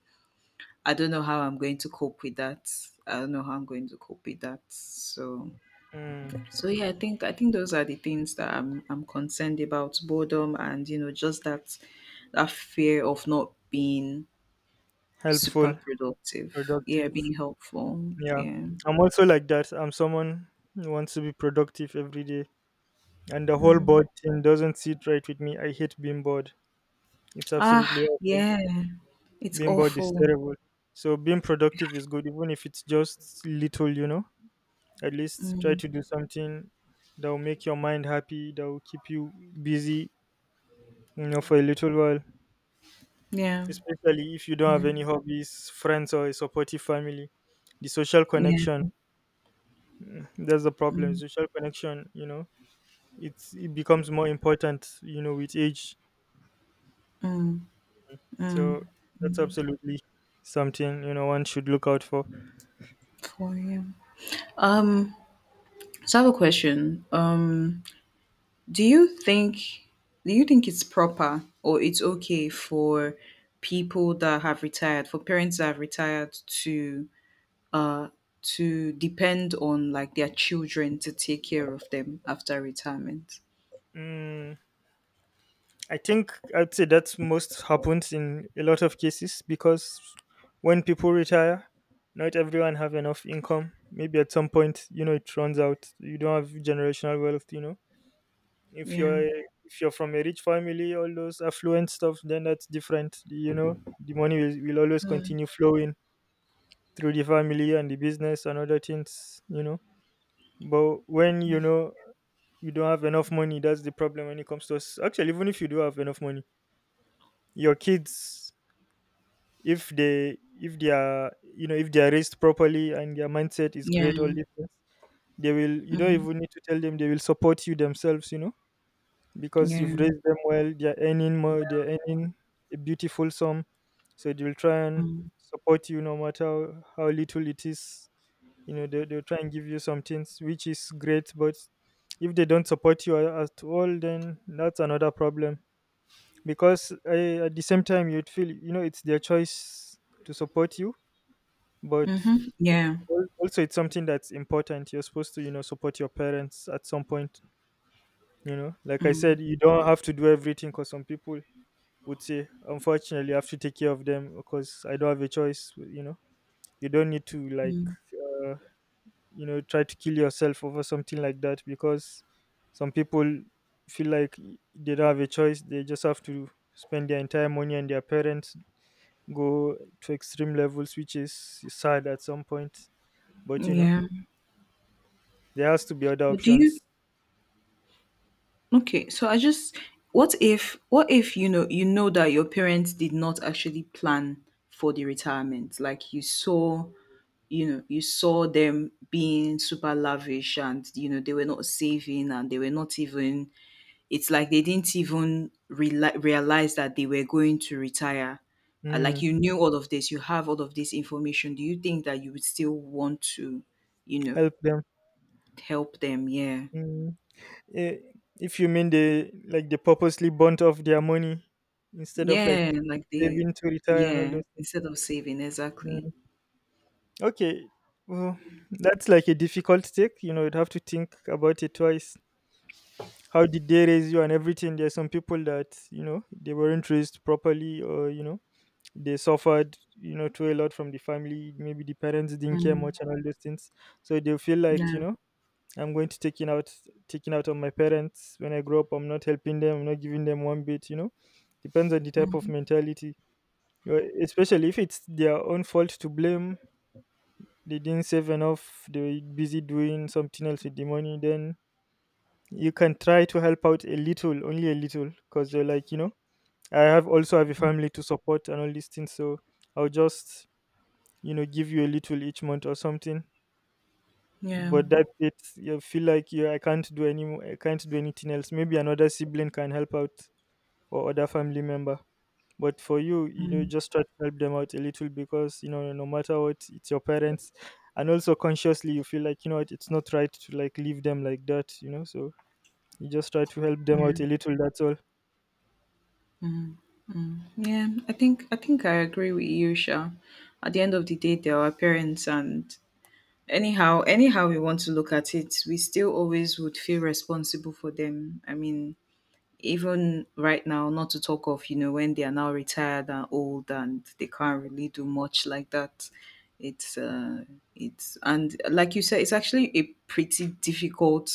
Speaker 1: I don't know how I'm going to cope with that. I don't know how I'm going to cope with that. So
Speaker 2: Mm,
Speaker 1: so yeah, I think I think those are the things that I'm I'm concerned about, boredom and, you know, just that that fear of not being
Speaker 2: helpful,
Speaker 1: super productive. Yeah,
Speaker 2: productive.
Speaker 1: being helpful.
Speaker 2: Yeah,
Speaker 1: Yeah.
Speaker 2: I'm also like that. I'm someone who wants to be productive every day, and the whole
Speaker 1: Mm.
Speaker 2: bored thing doesn't sit right with me. I hate being bored. It's absolutely
Speaker 1: Ah,
Speaker 2: awful.
Speaker 1: yeah. It's
Speaker 2: Being bored is
Speaker 1: awful.
Speaker 2: terrible. So being productive is good, even if it's just little, you know. At least try to do something that will make your mind happy, that will keep you busy, you know, for a little while.
Speaker 1: Yeah.
Speaker 2: Especially if you don't have
Speaker 1: Yeah.
Speaker 2: any hobbies, friends, or a supportive family. The social
Speaker 1: Yeah.
Speaker 2: connection, mm, that's the problem. Social connection, you know, it's, it becomes more important, you know, with age. So that's absolutely something, you know, one should look out for.
Speaker 1: For you. Um, so I have a question. Um, do you think do you think it's proper, or it's okay for people that have retired, for parents that have retired to uh, to depend on, like, their children to take care of them after retirement.
Speaker 2: Mm. I think I'd say that's most happens in a lot of cases, because when people retire, not everyone have enough income. Maybe at some point, you know, it runs out. You don't have generational wealth. You know, if
Speaker 1: Yeah.
Speaker 2: you're if you're from a rich family, all those affluent stuff, then that's different. You know, the money will, will always
Speaker 1: Mm,
Speaker 2: continue flowing through the family and the business and other things. You know, but when you
Speaker 1: yeah.
Speaker 2: know you don't have enough money, that's the problem when it comes to us. Actually, even if you do have enough money, your kids, if they if they are, you know, if they are raised properly and their mindset is
Speaker 1: Yeah.
Speaker 2: great, all these things, they will, you don't
Speaker 1: Mhm,
Speaker 2: even need to tell them, they will support you themselves, you know. Because you've
Speaker 1: yeah.
Speaker 2: raised them well, they're earning more, they're earning a beautiful sum, so they will try and
Speaker 1: Mm,
Speaker 2: support you no matter how, how little it is. You know, they, they'll try and give you some things, which is great. But if they don't support you a- at all, then that's another problem. Because uh, at the same time, you'd feel, you know, it's their choice to support you, but
Speaker 1: mhm, yeah.
Speaker 2: al- also it's something that's important. You're supposed to, you know, support your parents at some point. You know, like I said, you don't have to do everything, because some people would say unfortunately I have to take care of them because I don't have a choice, you know. You don't need to like
Speaker 1: Mm,
Speaker 2: uh, you know try to kill yourself over something like that, because some people feel like they don't have a choice, they just have to spend their entire money on their parents, go to extreme levels, which is sad at some point. But you know,
Speaker 1: yeah.
Speaker 2: there has to be other
Speaker 1: But do you
Speaker 2: options.
Speaker 1: okay, so I just what if what if, you know you know, that your parents did not actually plan for the retirement? Like, you saw you know you saw them being super lavish, and you know they were not saving, and they were not even, it's like they didn't even reali- realize that they were going to retire. Uh, Like,
Speaker 2: Mm,
Speaker 1: you knew all of this, you have all of this information. Do you think that you would still want to, you know,
Speaker 2: help them.
Speaker 1: help them? Yeah.
Speaker 2: Mm. Eh, if you mean they like they purposely burnt off their money instead of like
Speaker 1: Yeah. Like they,
Speaker 2: saving to retire and all
Speaker 1: yeah,
Speaker 2: those things.
Speaker 1: instead of saving, exactly.
Speaker 2: Mm. Okay, well, that's like a difficult take. You know, you'd have to think about it twice. How did they raise you and everything? There's some people that you know they weren't raised properly, or you know they suffered, you know, too a lot from the family. Maybe the parents didn't care
Speaker 1: Mm,
Speaker 2: much and all those things, so they feel like you
Speaker 1: yeah.
Speaker 2: know I'm going to taking out taking out on my parents when I grow up. I'm not helping them. I'm not giving them one bit. You know, depends on the type of
Speaker 1: Mm,
Speaker 2: mentality. Well, especially if it's their own fault to blame. They didn't save enough. They were busy doing something else with the money. Then you can try to help out a little, only a little, because they're like you know, I have also have a family to support and all these things. So I'll just you know give you a little each month or something.
Speaker 1: yeah.
Speaker 2: But that's it. You feel like you I can't do any mo- I can't do anything else. Maybe another sibling can help out, or other family member. But for you, you know, just try to help them out a little because you know, no matter what, it's your parents. And also consciously you feel like, you know what, it's not right to like leave them like that, you know. So you just try to help them out
Speaker 1: Yeah.
Speaker 2: a little, that's all.
Speaker 1: Yeah. I think, I think I agree with you, Sha. At the end of the day, they're our parents, and anyhow anyhow we want to look at it, we still always would feel responsible for them. I mean even right now, not to talk of, you know, when they are now retired and old and they can't really do much like that. It's, uh, it's, and like you said, it's actually a pretty difficult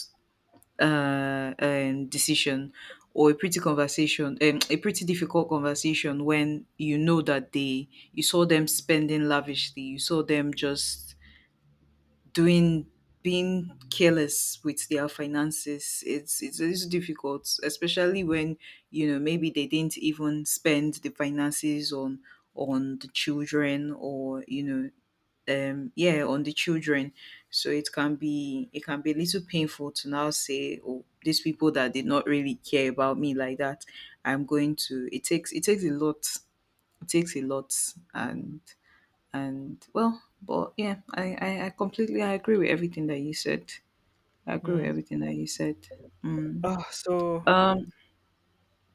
Speaker 1: uh, um, decision, or a pretty conversation, um, a pretty difficult conversation, when you know that they, you saw them spending lavishly, you saw them just doing, being careless with their finances. It's, it's it's difficult, especially when you know maybe they didn't even spend the finances on on the children, or you know, um yeah, on the children. So it can be it can be a little painful to now say, oh, these people that did not really care about me like that, I'm going to it takes it takes a lot. It takes a lot. And and, well, but yeah, I, I i completely i agree with everything that you said. I agree with
Speaker 2: Mm.
Speaker 1: everything that you said. Mm.
Speaker 2: Ah, so
Speaker 1: um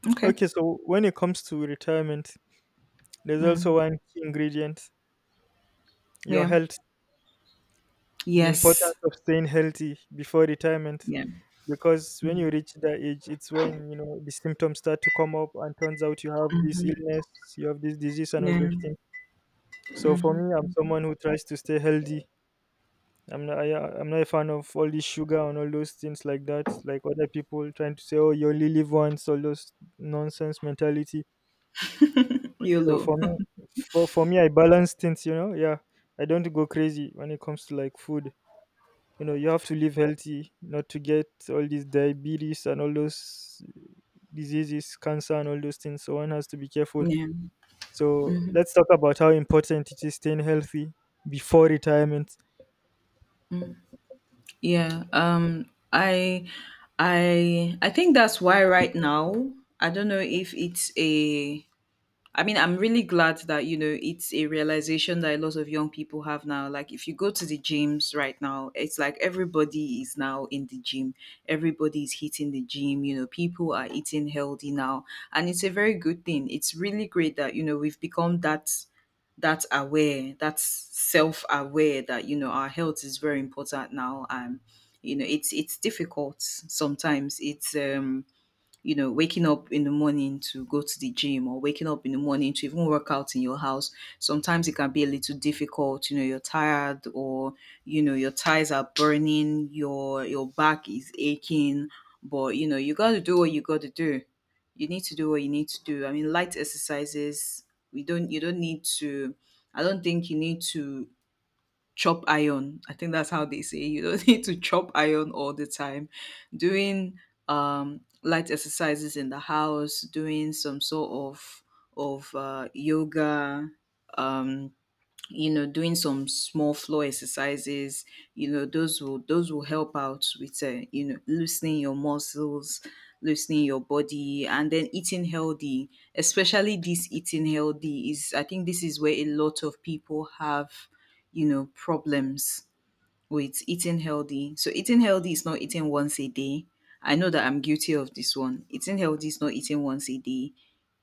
Speaker 1: okay
Speaker 2: okay, so when it comes to retirement, there's also
Speaker 1: Mm.
Speaker 2: one key ingredient: your
Speaker 1: Yeah,
Speaker 2: health. The
Speaker 1: yes,
Speaker 2: importance of staying healthy before retirement,
Speaker 1: yeah.
Speaker 2: because when
Speaker 1: Mm-hmm.
Speaker 2: you reach that age, it's when you know the symptoms start to come up, and turns out you have this illness, you have this disease, and all
Speaker 1: Yeah.
Speaker 2: those things. So for
Speaker 1: Mm-hmm.
Speaker 2: me, I'm someone who tries to stay healthy. I'm not, I, I'm not a fan of all this sugar and all those things like that. Like other people trying to say, "Oh, you only live once," all those nonsense mentality. So for
Speaker 1: YOLO.
Speaker 2: me, for for me, I balance things. You know, yeah, I don't go crazy when it comes to like food. You know, you have to live healthy, not to get all these diabetes and all those diseases, cancer and all those things. So one has to be careful.
Speaker 1: Yeah,
Speaker 2: So let's talk about how important it is staying healthy before retirement.
Speaker 1: yeah, um i i i think that's why right now, I don't know if it's a I mean, I'm really glad that, you know, it's a realization that a lot of young people have now. Like, if you go to the gyms right now, it's like everybody is now in the gym. Everybody is hitting the gym. You know, people are eating healthy now. And it's a very good thing. It's really great that, you know, we've become that that aware, that self-aware, that, you know, our health is very important now. And, you know, it's it's difficult sometimes. It's um you know, waking up in the morning to go to the gym, or waking up in the morning to even work out in your house, sometimes it can be a little difficult. You know, you're tired, or, you know, your thighs are burning, your your back is aching, but you know, you gotta do what you gotta do. You need to do what you need to do. I mean, light exercises, we don't you don't need to I don't think you need to chop iron. I think that's how they say, you don't need to chop iron all the time. Doing um, light exercises in the house, doing some sort of of uh, yoga, um, you know, doing some small floor exercises, you know those will those will help out with, uh, you know, loosening your muscles, loosening your body, and then eating healthy. Especially this eating healthy is, I think this is where a lot of people have, you know, problems with eating healthy. So eating healthy is not eating once a day. I know that I'm guilty of this one. Eating healthy is not eating once a day.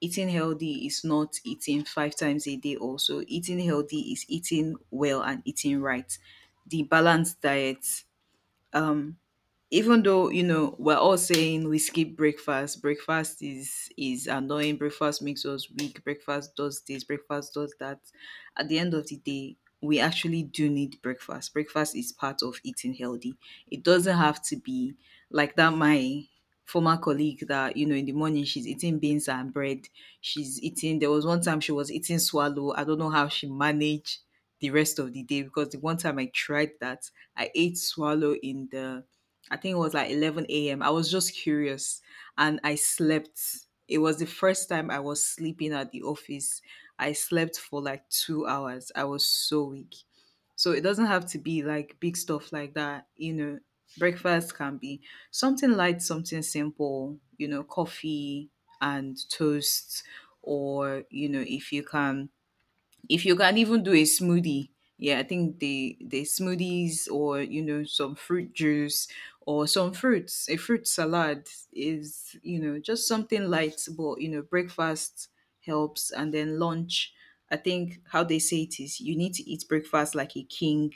Speaker 1: Eating healthy is not eating five times a day also. Eating healthy is eating well and eating right. The balanced diet. Um even though, you know, we're all saying we skip breakfast, breakfast is is annoying, breakfast makes us weak, breakfast does this, breakfast does that. At the end of the day, we actually do need breakfast. Breakfast is part of eating healthy. It doesn't have to be like that. My former colleague that, you know, in the morning she's eating beans and bread, she's eating there was one time she was eating swallow. I don't know how she managed the rest of the day, because the one time I tried that, I ate swallow in the I think it was like eleven a m. I was just curious, and I slept. It was the first time I was sleeping at the office. I slept for like two hours. I was so weak. So it doesn't have to be like big stuff like that. You know, breakfast can be something light, something simple, you know, coffee and toast. Or, you know, if you can if you can even do a smoothie. Yeah, I think the the smoothies, or you know, some fruit juice, or some fruits, a fruit salad, is, you know, just something light, but you know breakfast helps. And then lunch, I think how they say it is, you need to eat breakfast like a king,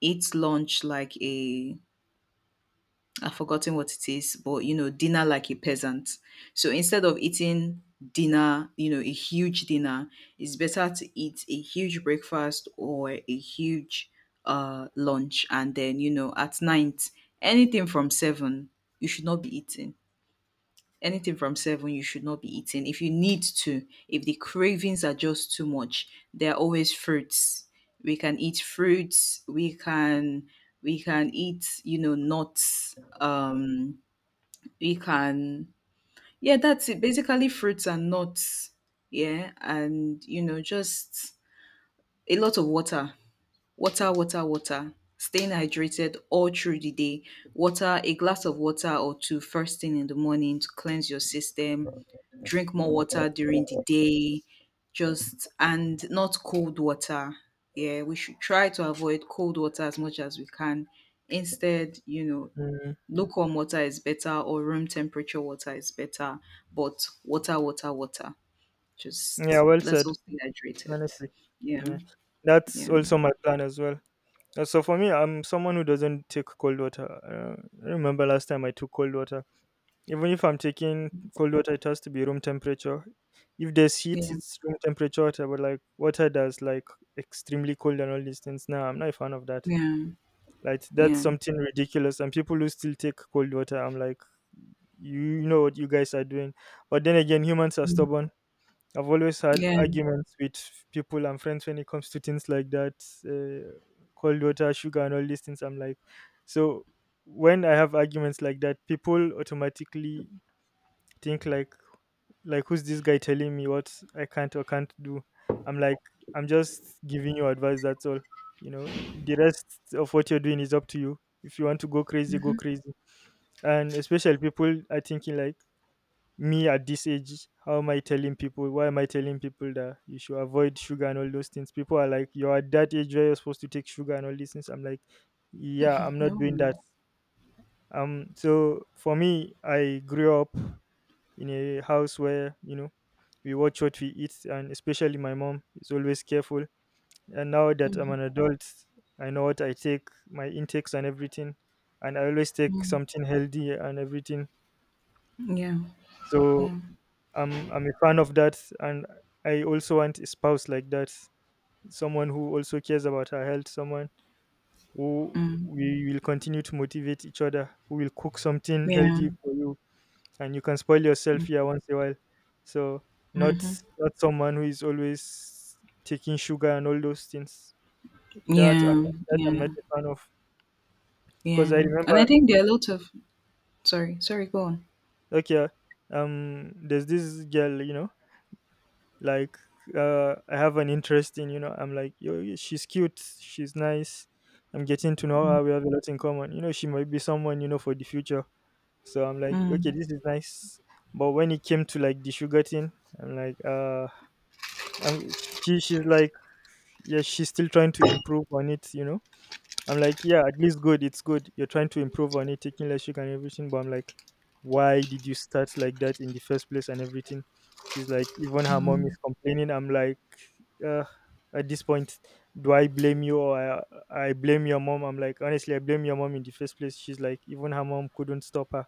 Speaker 1: eat lunch like a, I've forgotten what it is, but you know, dinner like a peasant. So instead of eating dinner, you know, a huge dinner, it's better to eat a huge breakfast, or a huge uh lunch, and then, you know, at night, anything from seven, you should not be eating. Anything from seven, you should not be eating. If you need to, if the cravings are just too much, there are always fruits. We can eat fruits, we can we can eat, you know, nuts. Um we can yeah that's it, basically fruits and nuts. Yeah, and you know, just a lot of water. Water, water, water. Staying hydrated all through the day. Water, a glass of water or two first thing in the morning to cleanse your system. Drink more water during the day. Just And not cold water. Yeah, we should try to avoid cold water as much as we can. Instead, you know,
Speaker 2: Mm,
Speaker 1: lukewarm water is better, or room temperature water is better. But water, water, water.
Speaker 2: yeah,
Speaker 1: Just
Speaker 2: well
Speaker 1: let's
Speaker 2: said.
Speaker 1: all stay hydrated.
Speaker 2: Honestly,
Speaker 1: Yeah,
Speaker 2: yeah, that's
Speaker 1: yeah,
Speaker 2: also my plan as well. Uh, So for me, I'm someone who doesn't take cold water. Uh, I remember last time I took cold water. Even if I'm taking cold water, it has to be room temperature. If there's heat,
Speaker 1: yeah,
Speaker 2: it's room temperature water, but like water that's like extremely cold and all these things. Now I'm not a fan of that.
Speaker 1: yeah,
Speaker 2: Like that's
Speaker 1: yeah.
Speaker 2: something ridiculous, and people who still take cold water, I'm like, you know what you guys are doing. But then again, humans are
Speaker 1: Mm.
Speaker 2: stubborn. I've always had
Speaker 1: Yeah.
Speaker 2: arguments with people and friends when it comes to things like that, uh, cold water, sugar, and all these things. I'm like, so when I have arguments like that, people automatically think like like who's this guy telling me what I can't or can't do? I'm like, I'm just giving you advice, that's all. You know, the rest of what you're doing is up to you. If you want to go crazy, go crazy. And especially people are thinking like me at this age, how am I telling people? Why am I telling people that you should avoid sugar and all those things? People are like, you're at that age where you're supposed to take sugar and all these things. I'm like, yeah, I'm not
Speaker 1: No.
Speaker 2: doing that. Um, so for me, I grew up in a house where you know we watch what we eat, and especially my mom is always careful. And now that I'm an adult, I know what I take, my intakes, and everything. And I always take something healthy and everything.
Speaker 1: Yeah.
Speaker 2: So I'm I'm a fan of that, and I also want a spouse like that, someone who also cares about her health, someone who
Speaker 1: Mm.
Speaker 2: we will continue to motivate each other, who will cook something
Speaker 1: Yeah.
Speaker 2: healthy for you and you can spoil yourself, yeah, once in a while. So not, not someone who is always taking sugar and all those things that i'm,
Speaker 1: Yeah.
Speaker 2: that I'm not
Speaker 1: Yeah.
Speaker 2: a fan of because I
Speaker 1: Yeah. And I
Speaker 2: remember.
Speaker 1: think there are lots of sorry, sorry, go on.
Speaker 2: Okay, um there's this girl, you know like, uh I have an interest in, you know I'm like, yo, she's cute, she's nice. I'm getting to know her, we have a lot in common, you know she might be someone, you know for the future. So I'm like, okay,
Speaker 1: Mm.
Speaker 2: this is nice. But when it came to like the sugar thing, I'm like, uh and she she's like, yeah, she's still trying to improve on it, you know I'm like, yeah, at least good, it's good you're trying to improve on it, taking less sugar and everything. But I'm like, why did you start like that in the first place and everything? She's like, even her mom is complaining. I'm like, uh, at this point do I blame you or, I, I blame your mom? I'm like, honestly, I blame your mom in the first place. She's like, even her mom couldn't stop her.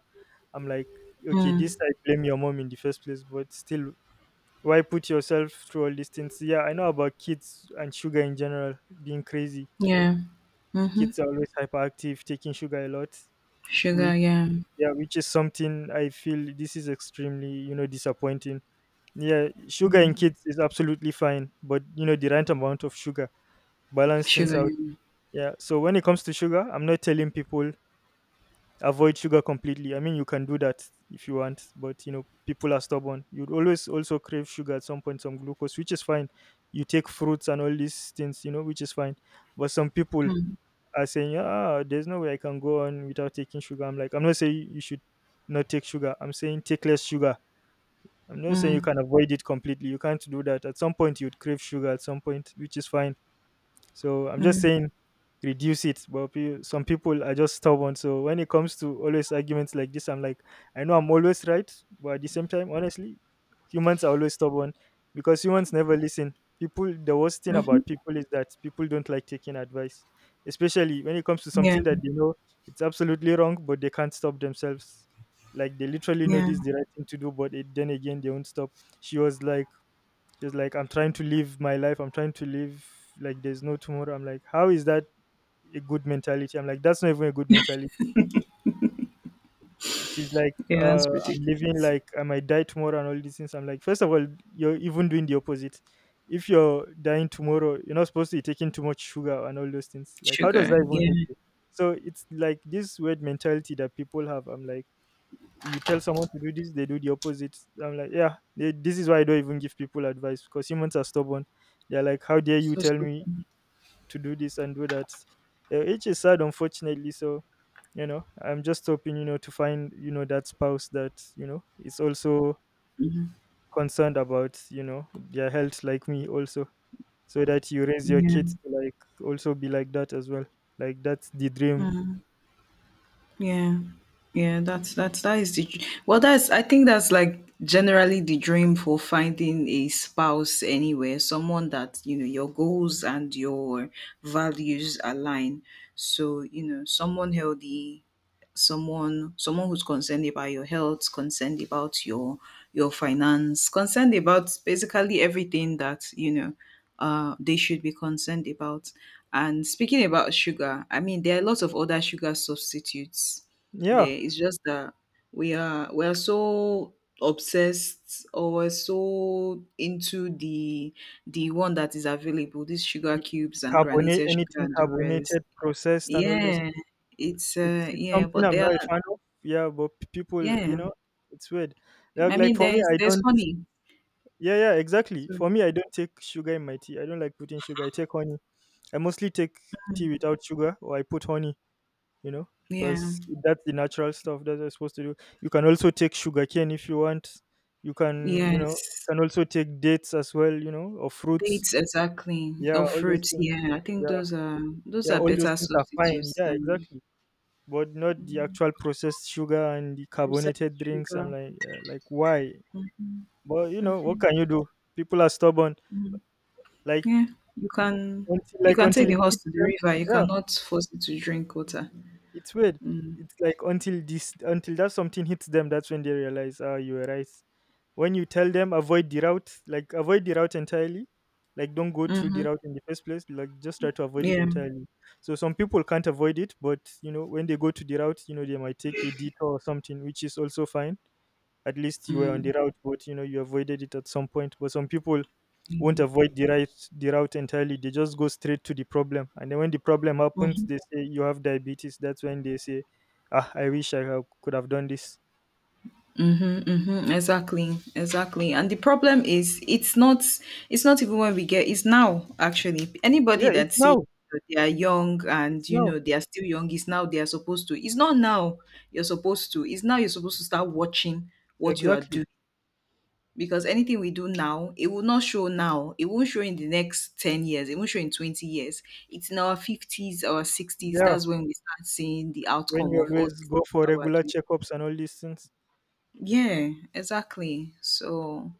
Speaker 2: I'm like, okay,
Speaker 1: Mm.
Speaker 2: this, I blame your mom in the first place, but still, why put yourself through all these things? Yeah, I know about kids and sugar in general being crazy.
Speaker 1: Yeah. Mm-hmm.
Speaker 2: Kids are always hyperactive, taking sugar a lot,
Speaker 1: Sugar,
Speaker 2: which,
Speaker 1: yeah.
Speaker 2: yeah, which is something I feel this is extremely, you know disappointing. Yeah, sugar in kids is absolutely fine, but you know the right amount of sugar balance things
Speaker 1: Sugar,
Speaker 2: out.
Speaker 1: yeah.
Speaker 2: Yeah, so when it comes to sugar, I'm not telling people avoid sugar completely. I mean, you can do that if you want, but you know, people are stubborn. You'd always also crave sugar at some point, some glucose, which is fine. You take fruits and all these things, you know, which is fine. But some people
Speaker 1: Mm.
Speaker 2: are saying, "Ah, there's no way I can go on without taking sugar." I'm like, I'm not saying you should not take sugar. I'm saying take less sugar. I'm not saying you
Speaker 1: Mm.
Speaker 2: can avoid it completely. You can't do that. At some point, you'd crave sugar. At some point, which is fine. So I'm just
Speaker 1: Mm.
Speaker 2: saying reduce it. But pe- some people are just stubborn. So when it comes to always arguments like this, I'm like, I know I'm always right, but at the same time, honestly, humans are always stubborn because humans never listen. People, the worst thing
Speaker 1: Mm-hmm.
Speaker 2: about people is that people don't like taking advice, especially when it comes to
Speaker 1: Yeah.
Speaker 2: something that they know it's absolutely wrong, but they can't stop themselves. Like they literally know
Speaker 1: Yeah.
Speaker 2: this is the right thing to do, but it, then again they won't stop. She was like, just like, I'm trying to live my life. I'm trying to live like there's no tomorrow. I'm like, how is that a good mentality? I'm like, that's not even a good mentality. She's like,
Speaker 1: Yeah, that's
Speaker 2: uh, I'm living
Speaker 1: ridiculous.
Speaker 2: like I might die tomorrow and all these things. I'm like, first of all, you're even doing the opposite. If you're dying tomorrow, you're not supposed to be taking too much sugar and all those things. Like, how does that
Speaker 1: Sugar,
Speaker 2: even help
Speaker 1: yeah.
Speaker 2: you? So it's like this weird mentality that people have. I'm like, you tell someone to do this, they do the opposite. I'm like, yeah, they, this is why I don't even give people advice because humans are stubborn. They're like, how dare you
Speaker 1: So
Speaker 2: tell
Speaker 1: stupid.
Speaker 2: me to do this and do that, uh, which is sad, unfortunately. So, you know, I'm just hoping, you know, to find, you know, that spouse that, you know, is also concerned about, you know, their health like me also, so that you raise your
Speaker 1: Yeah.
Speaker 2: kids to like also be like that as well. Like that's the dream.
Speaker 1: Mm. Yeah. Yeah. That's that's that is the dr- well that's, I think that's, like, generally the dream for finding a spouse anywhere, someone that, you know, your goals and your values align. So, you know, someone healthy, someone someone who's concerned about your health, concerned about your your finance, concerned about basically everything that, you know, uh, they should be concerned about. And speaking about sugar, I mean, there are lots of other sugar substitutes. Yeah,
Speaker 2: Yeah.
Speaker 1: it's just that we are we are so obsessed, or we're so into the the one that is available, these sugar
Speaker 2: The
Speaker 1: cubes and
Speaker 2: carbonate,
Speaker 1: granulated sugar
Speaker 2: anything
Speaker 1: and the rest.
Speaker 2: carbonated, processed and all those
Speaker 1: Yeah,
Speaker 2: things.
Speaker 1: it's,
Speaker 2: It's
Speaker 1: uh,
Speaker 2: it's
Speaker 1: yeah,
Speaker 2: something
Speaker 1: but
Speaker 2: I'm
Speaker 1: there
Speaker 2: not a
Speaker 1: are
Speaker 2: fan of. Yeah, but p- people, you
Speaker 1: yeah.
Speaker 2: know, it's weird. Like,
Speaker 1: I
Speaker 2: like
Speaker 1: mean,
Speaker 2: for me,
Speaker 1: there's
Speaker 2: I
Speaker 1: there's
Speaker 2: don't.
Speaker 1: honey.
Speaker 2: Yeah, yeah, exactly.
Speaker 1: Sorry.
Speaker 2: For me, I don't take sugar in my tea. I don't like putting sugar. I take honey. I mostly take tea without sugar, or I put honey. You know,
Speaker 1: Yeah.
Speaker 2: because that's the natural stuff that I'm supposed to do. You can also take sugar cane if you want. You can, you know,
Speaker 1: Yes.
Speaker 2: can also take dates as well. You know, or fruits.
Speaker 1: Dates, exactly,
Speaker 2: Yeah,
Speaker 1: or
Speaker 2: all those
Speaker 1: fruits.
Speaker 2: things.
Speaker 1: Yeah, I think
Speaker 2: Yeah,
Speaker 1: those are those
Speaker 2: yeah,
Speaker 1: are
Speaker 2: all those
Speaker 1: better
Speaker 2: things are fine.
Speaker 1: substitutes
Speaker 2: Yeah,
Speaker 1: than,
Speaker 2: exactly. But not the
Speaker 1: mm,
Speaker 2: actual processed sugar and the
Speaker 1: processed
Speaker 2: carbonated drinks.
Speaker 1: sugar.
Speaker 2: I'm like, uh, like why?
Speaker 1: Mm,
Speaker 2: But you know, what
Speaker 1: mhm,
Speaker 2: can you do? People are stubborn.
Speaker 1: mhm.
Speaker 2: Like,
Speaker 1: Yeah, you can
Speaker 2: until
Speaker 1: you
Speaker 2: like
Speaker 1: can take
Speaker 2: until
Speaker 1: the
Speaker 2: it
Speaker 1: horse
Speaker 2: hits
Speaker 1: to the
Speaker 2: them.
Speaker 1: river. You
Speaker 2: Yeah,
Speaker 1: cannot force it to drink water.
Speaker 2: it's weird.
Speaker 1: Mm,
Speaker 2: It's like until this, until that, something hits them, that's when they realize, ah, you were right. When you tell them avoid the route, like avoid the route entirely, like don't go through the
Speaker 1: mhm,
Speaker 2: route in the first place, like just try to avoid it
Speaker 1: yeah.
Speaker 2: entirely. So some people can't avoid it, but you know when they go to the route, you know they might take a detour or something, which is also fine. At least you were on the
Speaker 1: Mm,
Speaker 2: route, but you know you avoided it at some point. But some people won't
Speaker 1: mm,
Speaker 2: avoid the right the route entirely. They just go straight to the problem. And then when the problem happens,
Speaker 1: mhm.
Speaker 2: they say you have diabetes. That's when they say, ah, I wish I ha- could have done this.
Speaker 1: Mhm, mhm, exactly, exactly. And the problem is, it's not, it's not even when we get, it's now actually.
Speaker 2: Yeah,
Speaker 1: Anybody
Speaker 2: it's
Speaker 1: that says
Speaker 2: now.
Speaker 1: they are young, and
Speaker 2: It's
Speaker 1: you
Speaker 2: now.
Speaker 1: know they are still young, is now they are supposed to. It's not now you're supposed to. It's now you're supposed to start watching what you are
Speaker 2: Exactly.
Speaker 1: doing, because anything we do now, it will not show now. It won't show in the next ten years. It won't show in twenty years. It's in our fifties, our sixties.
Speaker 2: Yeah.
Speaker 1: That's when we start seeing the
Speaker 2: When
Speaker 1: outcome
Speaker 2: you
Speaker 1: of all
Speaker 2: always
Speaker 1: these
Speaker 2: go
Speaker 1: things
Speaker 2: for
Speaker 1: that we're
Speaker 2: regular
Speaker 1: doing.
Speaker 2: checkups and all these things.
Speaker 1: Yeah, exactly. So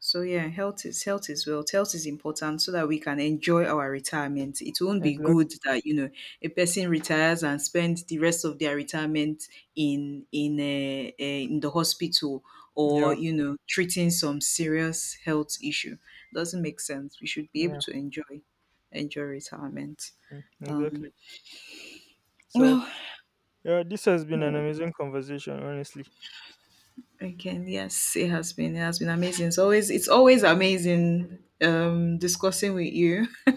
Speaker 1: so yeah, health is health is wealth. Health is important so that we can enjoy our retirement. It won't be good
Speaker 2: Exactly.
Speaker 1: that, you know, a person retires and spends the rest of their retirement in in uh, uh, in the hospital,
Speaker 2: Yeah.
Speaker 1: or you know, treating some serious health issue. Doesn't make sense. We should be able
Speaker 2: Yeah.
Speaker 1: to enjoy enjoy retirement.
Speaker 2: Mm,
Speaker 1: Um,
Speaker 2: exactly. So
Speaker 1: well,
Speaker 2: yeah, this has been an
Speaker 1: hmm.
Speaker 2: amazing conversation, honestly.
Speaker 1: Okay, yes, it has been. It has been amazing. It's always it's always amazing, um discussing with you.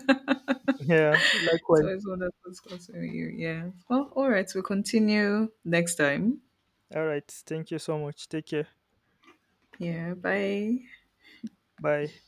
Speaker 2: Yeah,
Speaker 1: It's
Speaker 2: likewise.
Speaker 1: always wonderful discussing with you. Yeah. Well, all right, we'll continue next time.
Speaker 2: All right. Thank you so much. Take care.
Speaker 1: Yeah, bye.
Speaker 2: Bye.